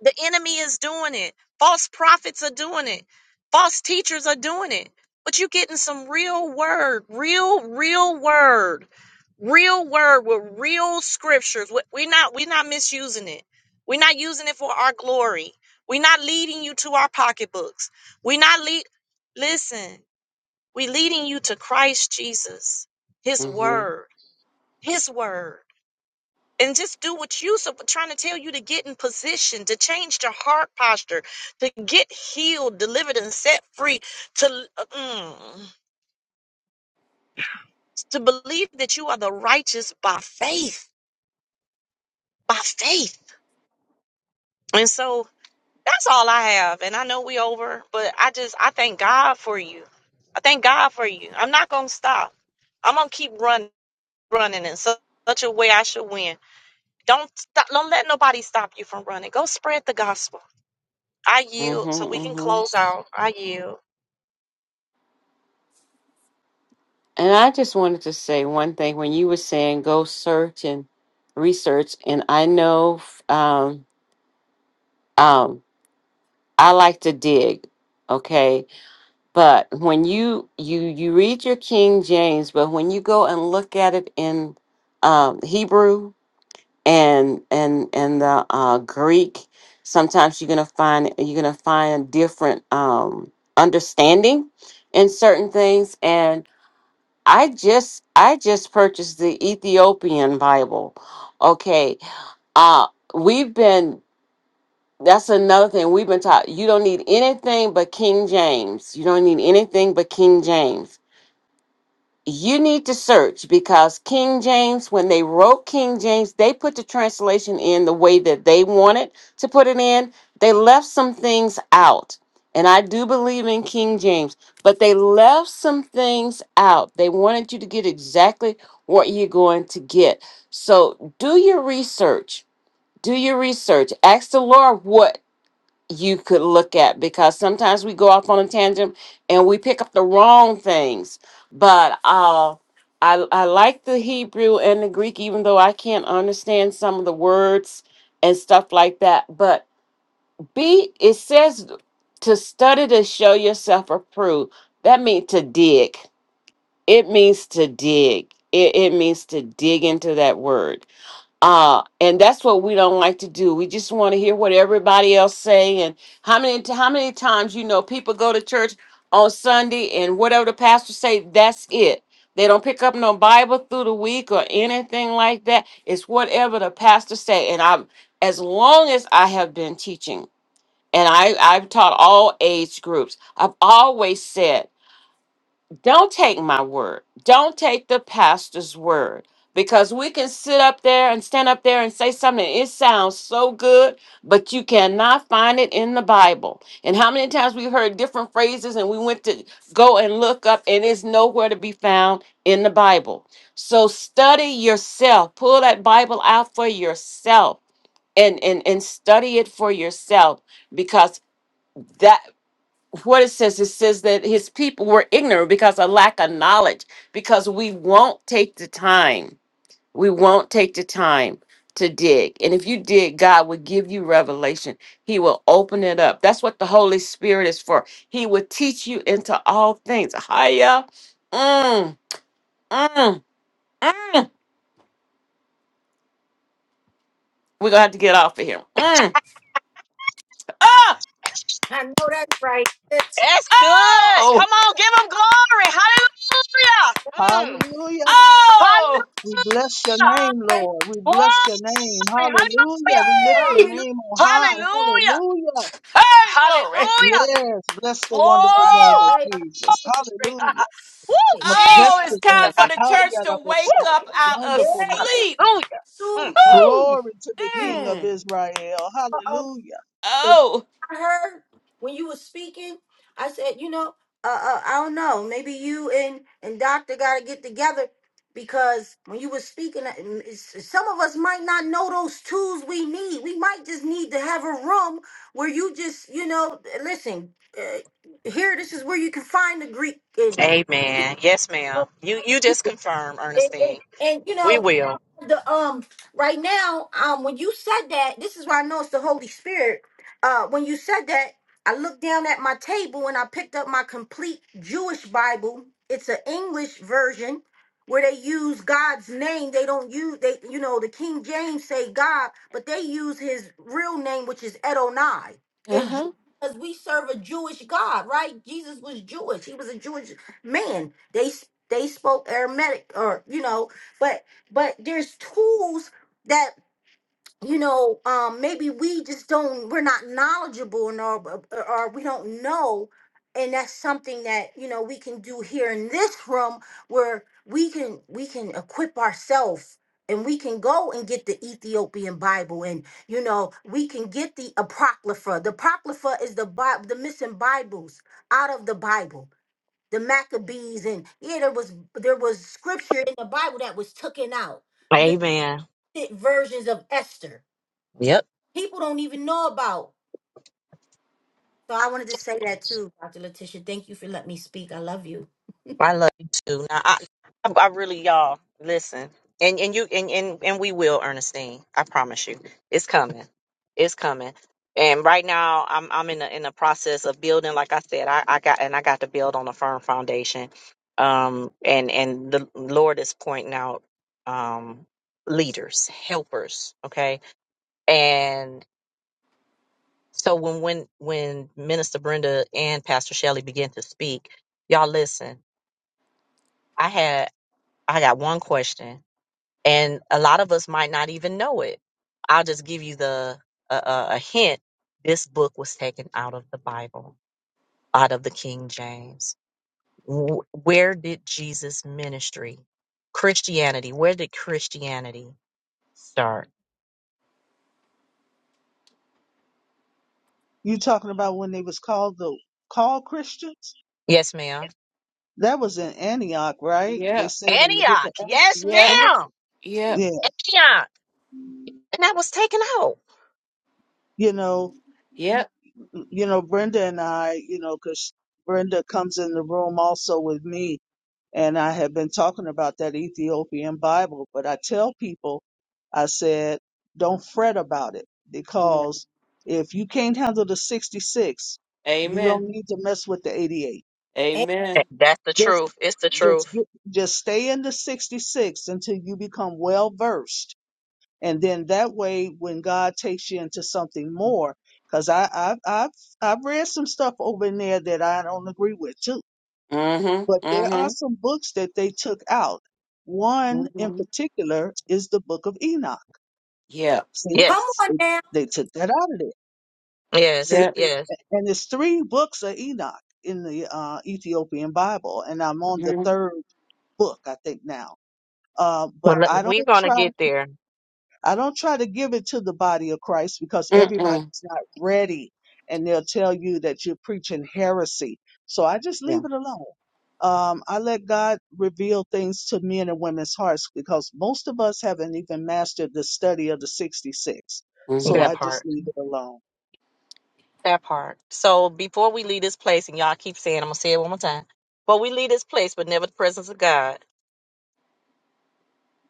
S1: The enemy is doing it. False prophets are doing it. False teachers are doing it. But you're getting some real word, real, real word, real word with real scriptures. We- We're not, we're not misusing it. We're not using it for our glory. We're not leading you to our pocketbooks. We're not lead. Listen, we're leading you to Christ Jesus, His
S2: Mm-hmm.
S1: word, His word. and just do what you're trying to tell you to get in position, to change your heart posture, to get healed, delivered, and set free, to mm, to believe that you are the righteous by faith, by faith. And so that's all I have. And I know we over, but I just I thank God for you. I thank God for you. I'm not gonna stop. I'm gonna keep running, running in su- such a way I should win. Don't stop. Don't let nobody stop you from running. Go spread the gospel I yield
S2: Mm-hmm.
S1: so we can
S2: Mm-hmm.
S1: close out. I yield.
S2: And I just wanted to say one thing when you were saying go search and research, and I know um, um, I like to dig, okay. But when you you you read your King James, but when you go and look at it in um, Hebrew and and and the uh, Greek, sometimes you're gonna find you're gonna find different um, understanding in certain things, I just I just purchased the Ethiopian Bible. Okay. Uh we've been that's another thing we've been taught. You don't need anything but King James. You don't need anything but King James you need to search because King James, when they wrote King James, they put the translation in the way that they wanted to put it in. They left some things out. And I do believe in King James, but they left some things out. They wanted you to get exactly what you're going to get. So do your research. Do your research. Ask the Lord what you could look at because sometimes we go off on a tangent and we pick up the wrong things. But uh, I I like the Hebrew and the Greek, even though I can't understand some of the words and stuff like that. But be it says to study to show yourself approved. That means to dig. It means to dig. It, it means to dig into that word uh and that's what we don't like to do we just want to hear what everybody else say and how many how many times you know people go to church on sunday and whatever the pastor say that's it they don't pick up no bible through the week or anything like that it's whatever the pastor say and i'm as long as i have been teaching and i i've taught all age groups i've always said don't take my word. Don't take the pastor's word. Because we can sit up there and stand up there and say something. It sounds so good, but you cannot find it in the Bible. And how many times we heard different phrases and we went to go and look up, and it's nowhere to be found in the Bible. So study yourself. Pull that Bible out for yourself and, and, and study it for yourself because that what it says it says that his people were ignorant because of lack of knowledge because we won't take the time we won't take the time to dig and if you dig god will give you revelation he will open it up that's what the holy spirit is for he will teach you into all things higher mm, mm, mm. we're gonna have to get off of here mm. oh
S4: I know that's right.
S1: That's good.
S2: oh
S1: Come on, give him glory. Hallelujah. Mm.
S3: Hallelujah.
S2: oh
S3: We bless your
S1: Hallelujah.
S3: name,
S4: Hallelujah,
S3: Lord. We
S1: Glory.
S3: bless your name. Hallelujah. We lift your
S2: hey,
S4: hallelujah.
S3: name on high.
S1: Hallelujah.
S3: Hallelujah.
S2: hey
S1: Hallelujah.
S2: glory
S1: Hallelujah.
S3: Yes. Bless the wonderful name of
S4: Hey,
S1: Glory.
S4: I
S3: Jesus. Hallelujah.
S1: Woo,
S4: see.
S2: Oh, it's
S3: Majestic
S1: Jesus.
S2: time for
S3: name.
S2: the church to wake
S1: Woo,
S3: Hallelujah.
S2: up out of
S4: Yeah,
S3: Wonderful name.
S2: sleep.
S1: hallelujah. Mm, mm.
S4: hallelujah.
S2: Woo!
S3: Glory to the
S4: You
S3: King of
S2: Mm.
S3: Israel.
S4: know. um,
S3: Hallelujah.
S2: Oh.
S4: I heard when you were speaking, I said, you know, uh, uh, I don't know, maybe you and and Doctor got to get together because when you were speaking, uh, mm, it's- some of us might not know those tools we need. We might just need to have a room where you just, you know, listen. Uh, here, this is where you can find the Greek and
S1: Amen. Yes,
S4: uh,
S1: ma'am. You you just confirm,
S4: and, and,
S1: Ernestine.
S4: and, you know
S1: We will.
S4: the um right now um when you said that this is why I know it's the Holy Spirit. Uh, when you said that, I looked down at my table and I picked up my complete Jewish Bible. It's an English version where they use God's name. They don't use they you know the King James say God, but they use His real name, which is Edonai. And Ju-
S2: Uh-huh.
S4: because we serve a Jewish God, right? Jesus was Jewish. He was a Jewish man. They s- they spoke Aramaic or you know but but there's tools that you know um maybe we just don't we're not knowledgeable in or, or or we don't know and that's something that you know we can do here in this room where we can we can equip ourselves and we can go and get the Ethiopian Bible, and you know we can get the apocrypha. The apocrypha is the Bi- the missing Bibles out of the Bible, the Maccabees, and yeah, there was there was scripture in the Bible that was taken out
S1: Amen.
S4: versions of Esther. People don't even know about. So I wanted to say that too, Dr. Letitia. Thank you for letting me speak. I love you.
S1: I love you too. Now, I, I, I really, y'all, listen, and and you and and and we will, Ernestine. I promise you, it's coming, it's coming. And right now, I'm I'm in the in the process of building. Like I said, I I got and I got to build on a firm foundation. Um, and and the Lord is pointing out, um, leaders, helpers. Okay, and so when when when Minister Brenda and Pastor Shelley begin to speak, y'all listen. I had I got one question, and a lot of us might not even know it. I'll just give you the a, a, a hint. This book was taken out of the Bible, out of the King James. Wh- Where did Jesus' ministry, Christianity, where did Christianity start?
S3: You talking about when they was called the called Christians?
S1: Yes, ma'am.
S3: That was in Antioch, right? They
S2: Yep.
S3: said in the book
S1: Antioch.
S3: of Acts.
S1: Yes,
S2: Yep.
S4: Come on.
S1: ma'am.
S2: Yep.
S3: Yeah.
S1: Antioch. And that was taken out.
S3: You know,
S2: Yep.
S3: you know, Brenda and I, you know, 'cause Brenda comes in the room also with me And I have been talking about that Ethiopian Bible, but I tell people, I said, don't fret about it
S2: Amen.
S3: because if you can't handle the 66, you don't
S2: Amen.
S3: need to mess with the 88.
S4: Hey,
S2: Amen.
S1: That- That's the
S3: Just,
S1: truth. It's the
S3: just
S1: truth.
S3: get, just stay in the 66 until you become well versed. And then that way, when God takes you into something more, because I, I, I've, I've read some stuff over in there that I don't agree with too but
S2: Mm-hmm.
S3: there are
S2: Mm-hmm.
S3: some books that they took out. One in
S2: Mm-hmm.
S3: particular is the Book of Enoch.
S2: Yep.
S3: See,
S4: come
S1: Yes.
S4: on
S3: they they took that out of there. See,
S1: Yes.
S2: Yep.
S1: Yes.
S3: A- and there's three books of Enoch in the uh, Ethiopian Bible, and I'm on the
S2: Mm-hmm.
S3: third book, I think now. Uh, but
S1: Well, let-
S3: I don't
S1: we're going to
S3: try.
S1: get there,
S3: I don't try to give it to the body of Christ because
S2: Mm-mm.
S3: everybody's not ready and they'll tell you that you're preaching heresy. So I just leave
S2: Yeah.
S3: it alone. Um, I let God reveal things to men and women's hearts because most of us haven't even mastered the study of the 66. So
S1: that
S3: I
S2: Mm-hmm.
S1: part.
S3: just leave it alone.
S1: That part. So before we leave this place, and y'all keep saying, I'm gonna say it one more time. But we leave this place, but never the presence of God.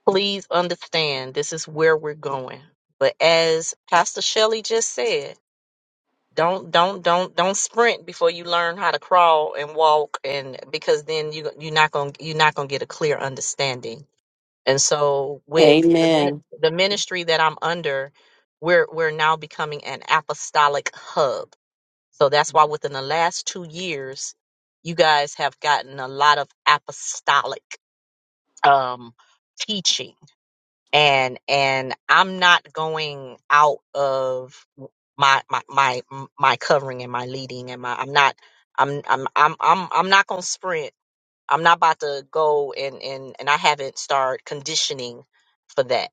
S1: Please understand this is where we're going. But as Pastor Shelley just said, don't don't don't don't sprint before you learn how to crawl and walk and because then you you're not gonna you're not gonna get a clear understanding. And so with the min-
S2: Amen.
S1: the ministry that I'm under, we're we're now becoming an apostolic hub So that's why within the last two years, you guys have gotten a lot of apostolic um, teaching, and and I'm not going out of my my my my covering and my leading and my I'm not I'm I'm I'm I'm I'm not gonna sprint. I'm not about to go and and and I haven't started conditioning for that.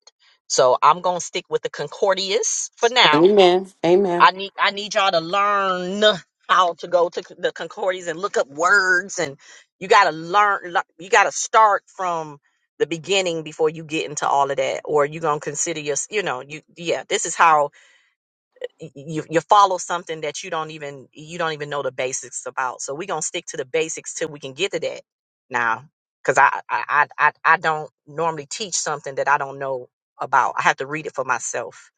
S1: So I'm gonna stick with the Concordias for now
S2: Amen.
S1: I
S2: Amen.
S1: need I need y'all to learn how to go to the concordies and look up words and you got to learn le- you got to start from the beginning before you get into all of that or you're going to consider your you know you yeah this is how y- you you follow something that you don't even you don't even know the basics about so we're going to stick to the basics till we can get to that now cuz I, I I I I don't normally teach something that I don't know about I have to read it for myself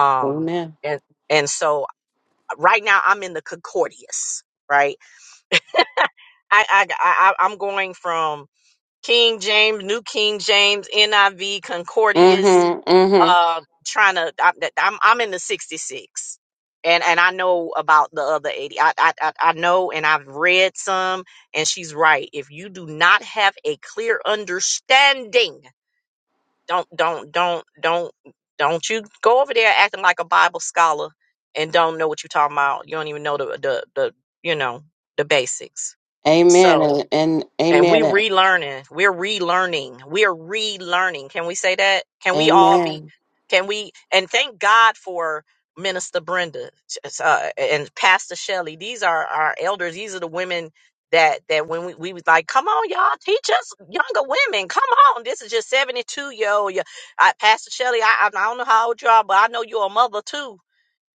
S1: um
S2: Amen.
S1: and and so right now I'm in the Concordias, right? I, I, I, I- I'm going from King James, New King James, NIV,
S2: Mm-hmm.
S1: Concordias,
S2: Mm-hmm.
S1: uh, trying to, I, I'm, I'm in the 66. And, and I know about the other 80. I, I, I I know, and I've read some, and she's right. If you do not have a clear understanding don't don't don't don't don't you go over there acting like a bible scholar and don't know what you're talking about you don't even know the the, the you know the basics
S2: Amen.
S1: so
S2: And, and
S1: and we
S2: amen.
S1: relearning. We're relearning. We're relearning. Can we say that? Can we all be?
S2: Amen.
S1: Can we? And thank God for Minister Brenda uh, and Pastor Shelley. These are our elders. These are the women that that when we, we was like, come on, y'all, teach us younger women. Come on, this is just seventy two year old. yeah." I, Pastor Shelley, I, I don't know how old you are, but I know you're a mother too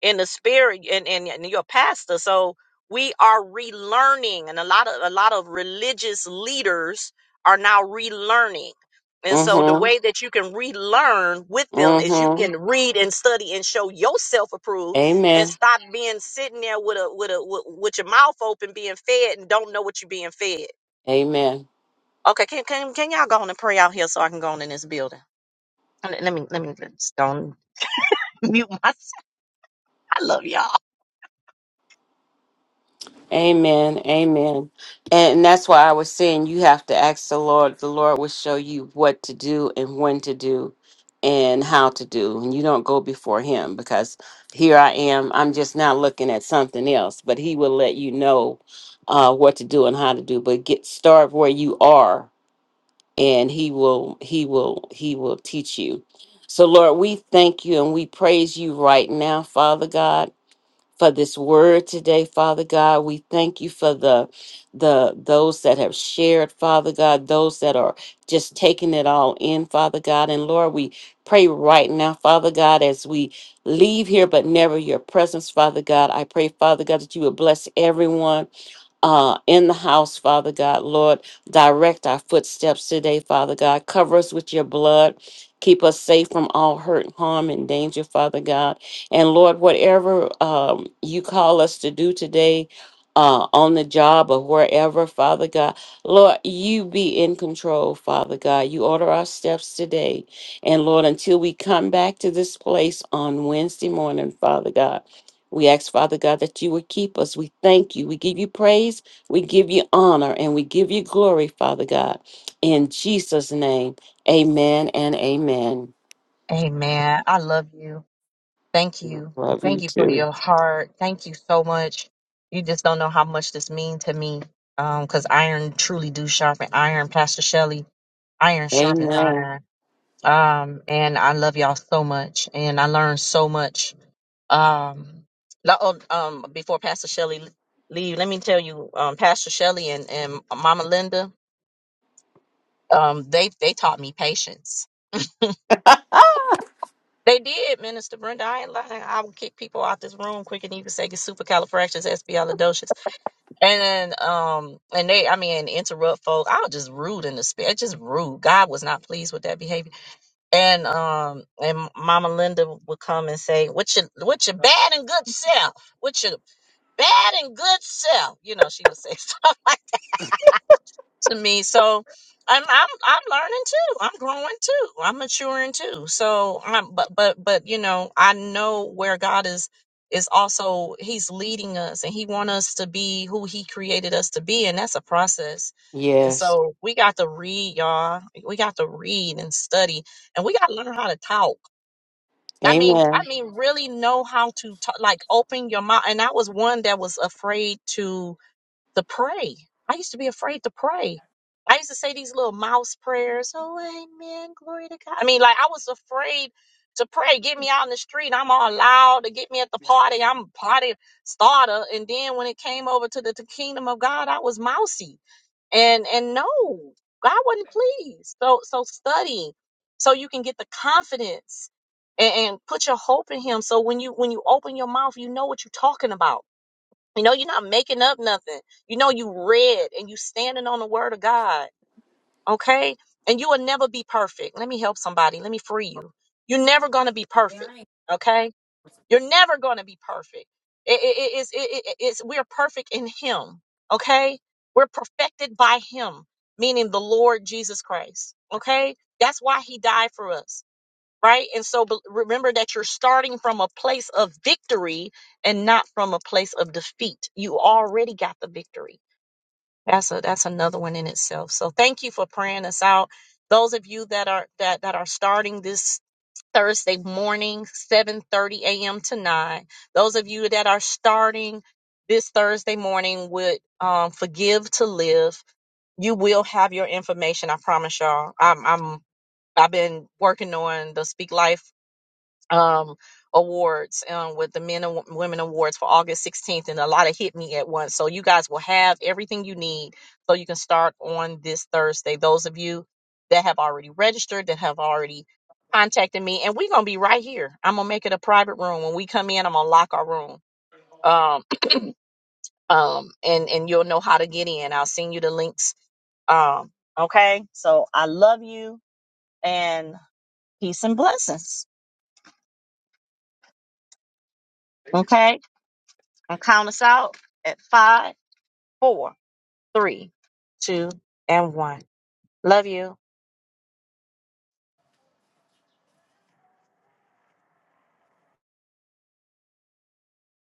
S1: in the spirit and, and, and your pastor. So we are relearning and a lot of a lot of religious leaders are now relearning. And so the
S2: Mm-hmm.
S1: way that you can relearn with them is you
S2: mm-hmm.
S1: can read and study and show yourself approved and
S2: Amen.
S1: stop being sitting there with a with a with, with your mouth open being fed and don't know what you're being fed.
S2: Amen.
S1: Okay, can can can y'all go on and pray out here so I can go on in this building? Let, let me let me just don't mute myself. I love y'all.
S2: Amen. Amen. And that's why I was saying you have to ask the Lord. The Lord will show you what to do and when to do and how to do. And you don't go before Him because here I am. I'm just now looking at something else, but He will let you know uh, what to do and how to do. But get start where you are and He will, He will, He will teach you. So, Lord, we thank you and we praise you right now, Father God. for this word today, Father God. We thank you for the the those that have shared, Father God, those that are just taking it all in, Father God. And Lord, we pray right now, Father God, as we leave here but never your presence, Father God. I pray, Father God, that you would bless everyone uh, in the house, Father God. Lord, direct our footsteps today, Father God. Cover us with your blood. Keep us safe from all hurt, harm, and danger, Father God. And Lord, whatever um, you call us to do today, uh, on the job or wherever, Father God, Lord, you be in control, Father God. You order our steps today. And Lord, until we come back to this place on Wednesday morning, Father God. We ask, Father God, that you would keep us. We thank you. We give you praise. We give you honor and we give you glory, Father God. In Jesus' name, amen and amen.
S1: Amen. I love you. Thank you.
S2: Love you
S1: Thank you for
S2: too.
S1: your heart. Thank you so much. You just don't know how much this means to me. Um, 'cause iron truly do sharpen iron, Pastor Shelley. Iron sharpens
S2: Amen.
S1: iron. Um, and I love y'all so much and I learned so much. Um, lo- oh, um, before Pastor Shelley l- leave, let me tell you, um, Pastor Shelley and, and Mama Linda, um, they, they taught me patience. They did, Minister Brenda. I ain't lying. I would kick people out this room quick and even say it's supercalifragilisticexpialidocious, and then um, and they, I mean, interrupt folk. I was just rude in the spirit, just rude. God was not pleased with that behavior, and um, and Mama Linda would come and say, "What's your, what's your bad and good self? What's your bad and good self?" You know, she would say stuff like to me. So I'm I'm I'm learning too. I'm growing too. I'm maturing too. So I'm but but but you know, I know where God is is also he's leading us and he want us to be who he created us to be and that's a process. And
S2: Yes.
S1: so we got to read, y'all. We got to read and study and we got to learn how to talk. I mean,
S2: Amen.
S1: I mean really know how to talk like open your mouth and I was one that was afraid to to pray. I used to be afraid to pray. I used to say these little mouse prayers. Oh, amen. Glory to God. I mean, like, I was afraid to pray. Get me out in the street. I'm all loud to get me at the party. I'm a party starter. And then when it came over to the, the kingdom of God, I was mousy. And and no, God wasn't pleased. So so study so you can get the confidence and, and put your hope in him. So when you when you open your mouth, you know what you're talking about you know, you're not making up nothing. You know, you read and you standing on the word of God. Okay. And you will never be perfect. Let me help somebody. Let me free you. You're never going to be perfect.
S4: now.
S1: Okay. You're never going to be perfect. It, it, it- it's, it, it- it's, we're perfect in him. Okay. We're perfected by him, meaning the Lord Jesus Christ. Okay. That's why he died for us right? And so be- remember that you're starting from a place of victory and not from a place of defeat. You already got the victory. That's a that's another one in itself. So thank you for praying us out. Those of you that are that that are starting this Thursday morning, 7:30 a.m. to 9. Those of you that are starting this Thursday morning with um, Forgive to Live, you will have your information. I promise y'all. I'm I'm I've been working on the Speak Life um awards um with the men and wo- women awards for August 16th and a lot of hit me at once so you guys will have everything you need so you can start on this Thursday those of you that have already registered that have already contacted me and we're going to be right here I'm going to make it a private room when we come in I'm going to lock our room um um and and you'll know how to get in I'll send you the links um okay so I love you and peace and blessings okay and count us out at five, four, three, two, and one. Love you.